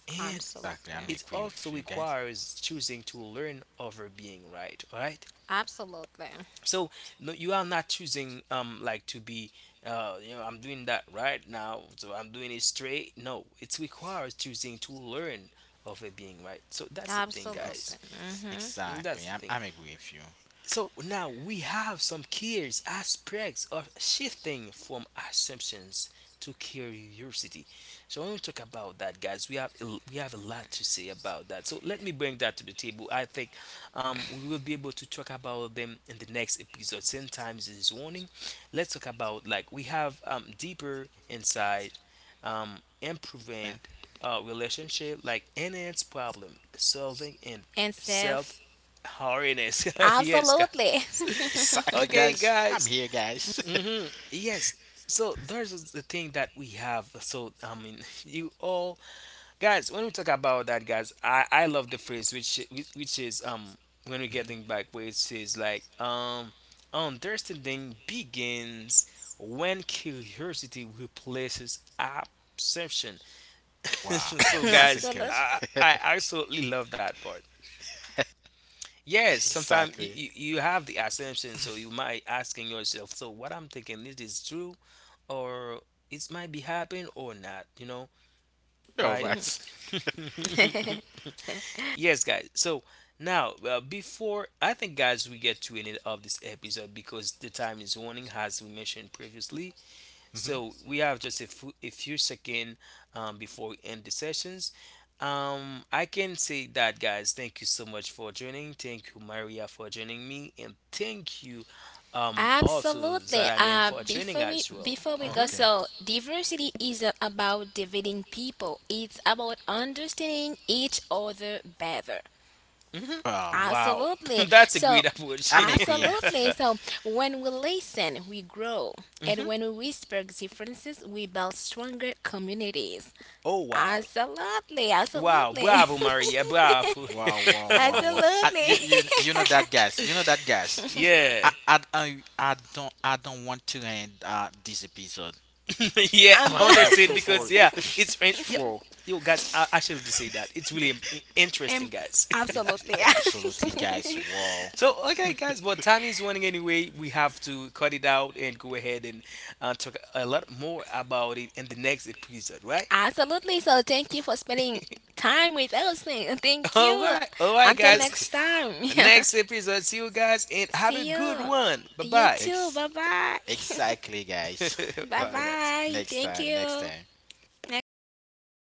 S1: And
S3: Exactly. I'm
S2: Absolutely.
S1: it
S3: agree with
S1: also
S3: you guys.
S1: requires choosing to learn over being right. All right.
S2: Absolutely.
S1: So no, you are not choosing like to be you know I'm doing that right now, so I'm doing it straight. No, it requires choosing to learn over being right. So that's the thing,
S3: Exactly.
S1: guys.
S2: Absolutely. Mhm.
S1: That's
S3: Exactly.
S1: the
S3: I'm,
S1: thing.
S3: I'm agree with you.
S1: So now we have some key aspects of shifting from assumptions to curiosity. So I want to talk about that, guys, we have a lot to say about that. So let me bring that to the table. I think we will be able to talk about them in the next episode. Sometimes it's warning. Let's talk about, like we have deeper insight,
S3: Yeah.
S1: improving relationship, like enhance problem solving and
S2: *laughs* And self.
S1: self Holiness. *laughs* Yes, guys.
S2: Absolutely.
S1: *laughs*
S3: Exactly,
S1: Okay,
S3: guys. *laughs* I'm
S1: guys.
S3: here, guys. *laughs*
S1: Yes. So there's the thing that we have. So I mean, *laughs* you all guys. When we talk about that, guys, I love the phrase which is when we're
S3: Mhm.
S1: getting back, which is like understanding begins when curiosity replaces absorption. *laughs*
S3: Wow.
S1: So
S2: *laughs*
S3: This is a
S1: guys,
S3: good.
S1: I
S2: Absolutely.
S1: I absolutely love that part. Yes,
S3: *laughs*
S1: sometimes you,
S3: Exactly.
S1: you, you have the assumption, so you might asking yourself, so what I'm thinking, this is true or it might be happening or not, you know? All
S3: Yo,
S1: right.
S3: but.
S2: *laughs*
S1: *laughs* Yes, guys. So now, before I think, guys, we get to end of this episode because the time is running, as we mentioned previously.
S3: Mhm.
S1: So we have just a few seconds before we end the sessions. I can say that, guys. Thank you so much for joining. Thank you, Maria, for joining me, and thank you, also
S2: Absolutely.
S1: Zadaman for joining as well.
S2: Before we go,
S3: Okay.
S2: so diversity isn't about dividing people. It's about understanding each other better.
S1: Hmm
S3: Wow.
S1: Wow, *laughs*
S2: Absolutely.
S1: that's a
S2: So,
S1: great approach.
S3: I'm agree.
S2: absolutely. So, when we listen, we grow.
S1: *laughs*
S2: And
S1: hmm
S2: when we respect differences, we build stronger communities.
S1: Oh wow,
S2: Absolutely.
S1: wow,
S2: Absolutely.
S1: bravo, Maria, bravo.
S3: Wow, wow,
S2: *laughs*
S3: wow, wow.
S2: Absolutely.
S3: You know
S2: *laughs*
S3: that,
S1: *laughs*
S3: guys. You know that, guys.
S1: Yeah.
S3: I don't want to end this episode.
S1: *laughs* Yeah,
S3: *laughs*
S2: But,
S3: Like, you're
S1: understand
S3: full for,
S1: because yeah,
S3: *laughs*
S1: it's yep.
S3: full.
S1: Yo, guys, I should say that it's really
S2: *laughs*
S1: interesting,
S2: um,
S1: guys.
S2: absolutely.
S3: Absolutely, guys.
S1: *laughs*
S3: Wow.
S1: So, okay, guys, but time is running anyway. We have to cut it out and go ahead and talk a lot more about it in the next episode, right?
S2: *laughs* Absolutely. So, thank you for spending
S1: *laughs*
S2: time with us. Thank
S1: All
S2: you.
S1: right, all right,
S2: Until
S1: guys.
S2: next time.
S1: Next
S2: *laughs*
S1: episode, see you guys and have a
S2: See
S1: good
S2: you.
S1: one. Bye
S2: You
S1: bye.
S2: too.
S3: Ex-
S2: Bye bye.
S3: exactly, guys.
S1: *laughs*
S2: Bye
S1: Bye,
S3: *laughs*
S1: guys.
S2: bye. *laughs*
S3: Next
S2: Thank
S3: time, next
S2: you.
S3: time.
S2: Next time.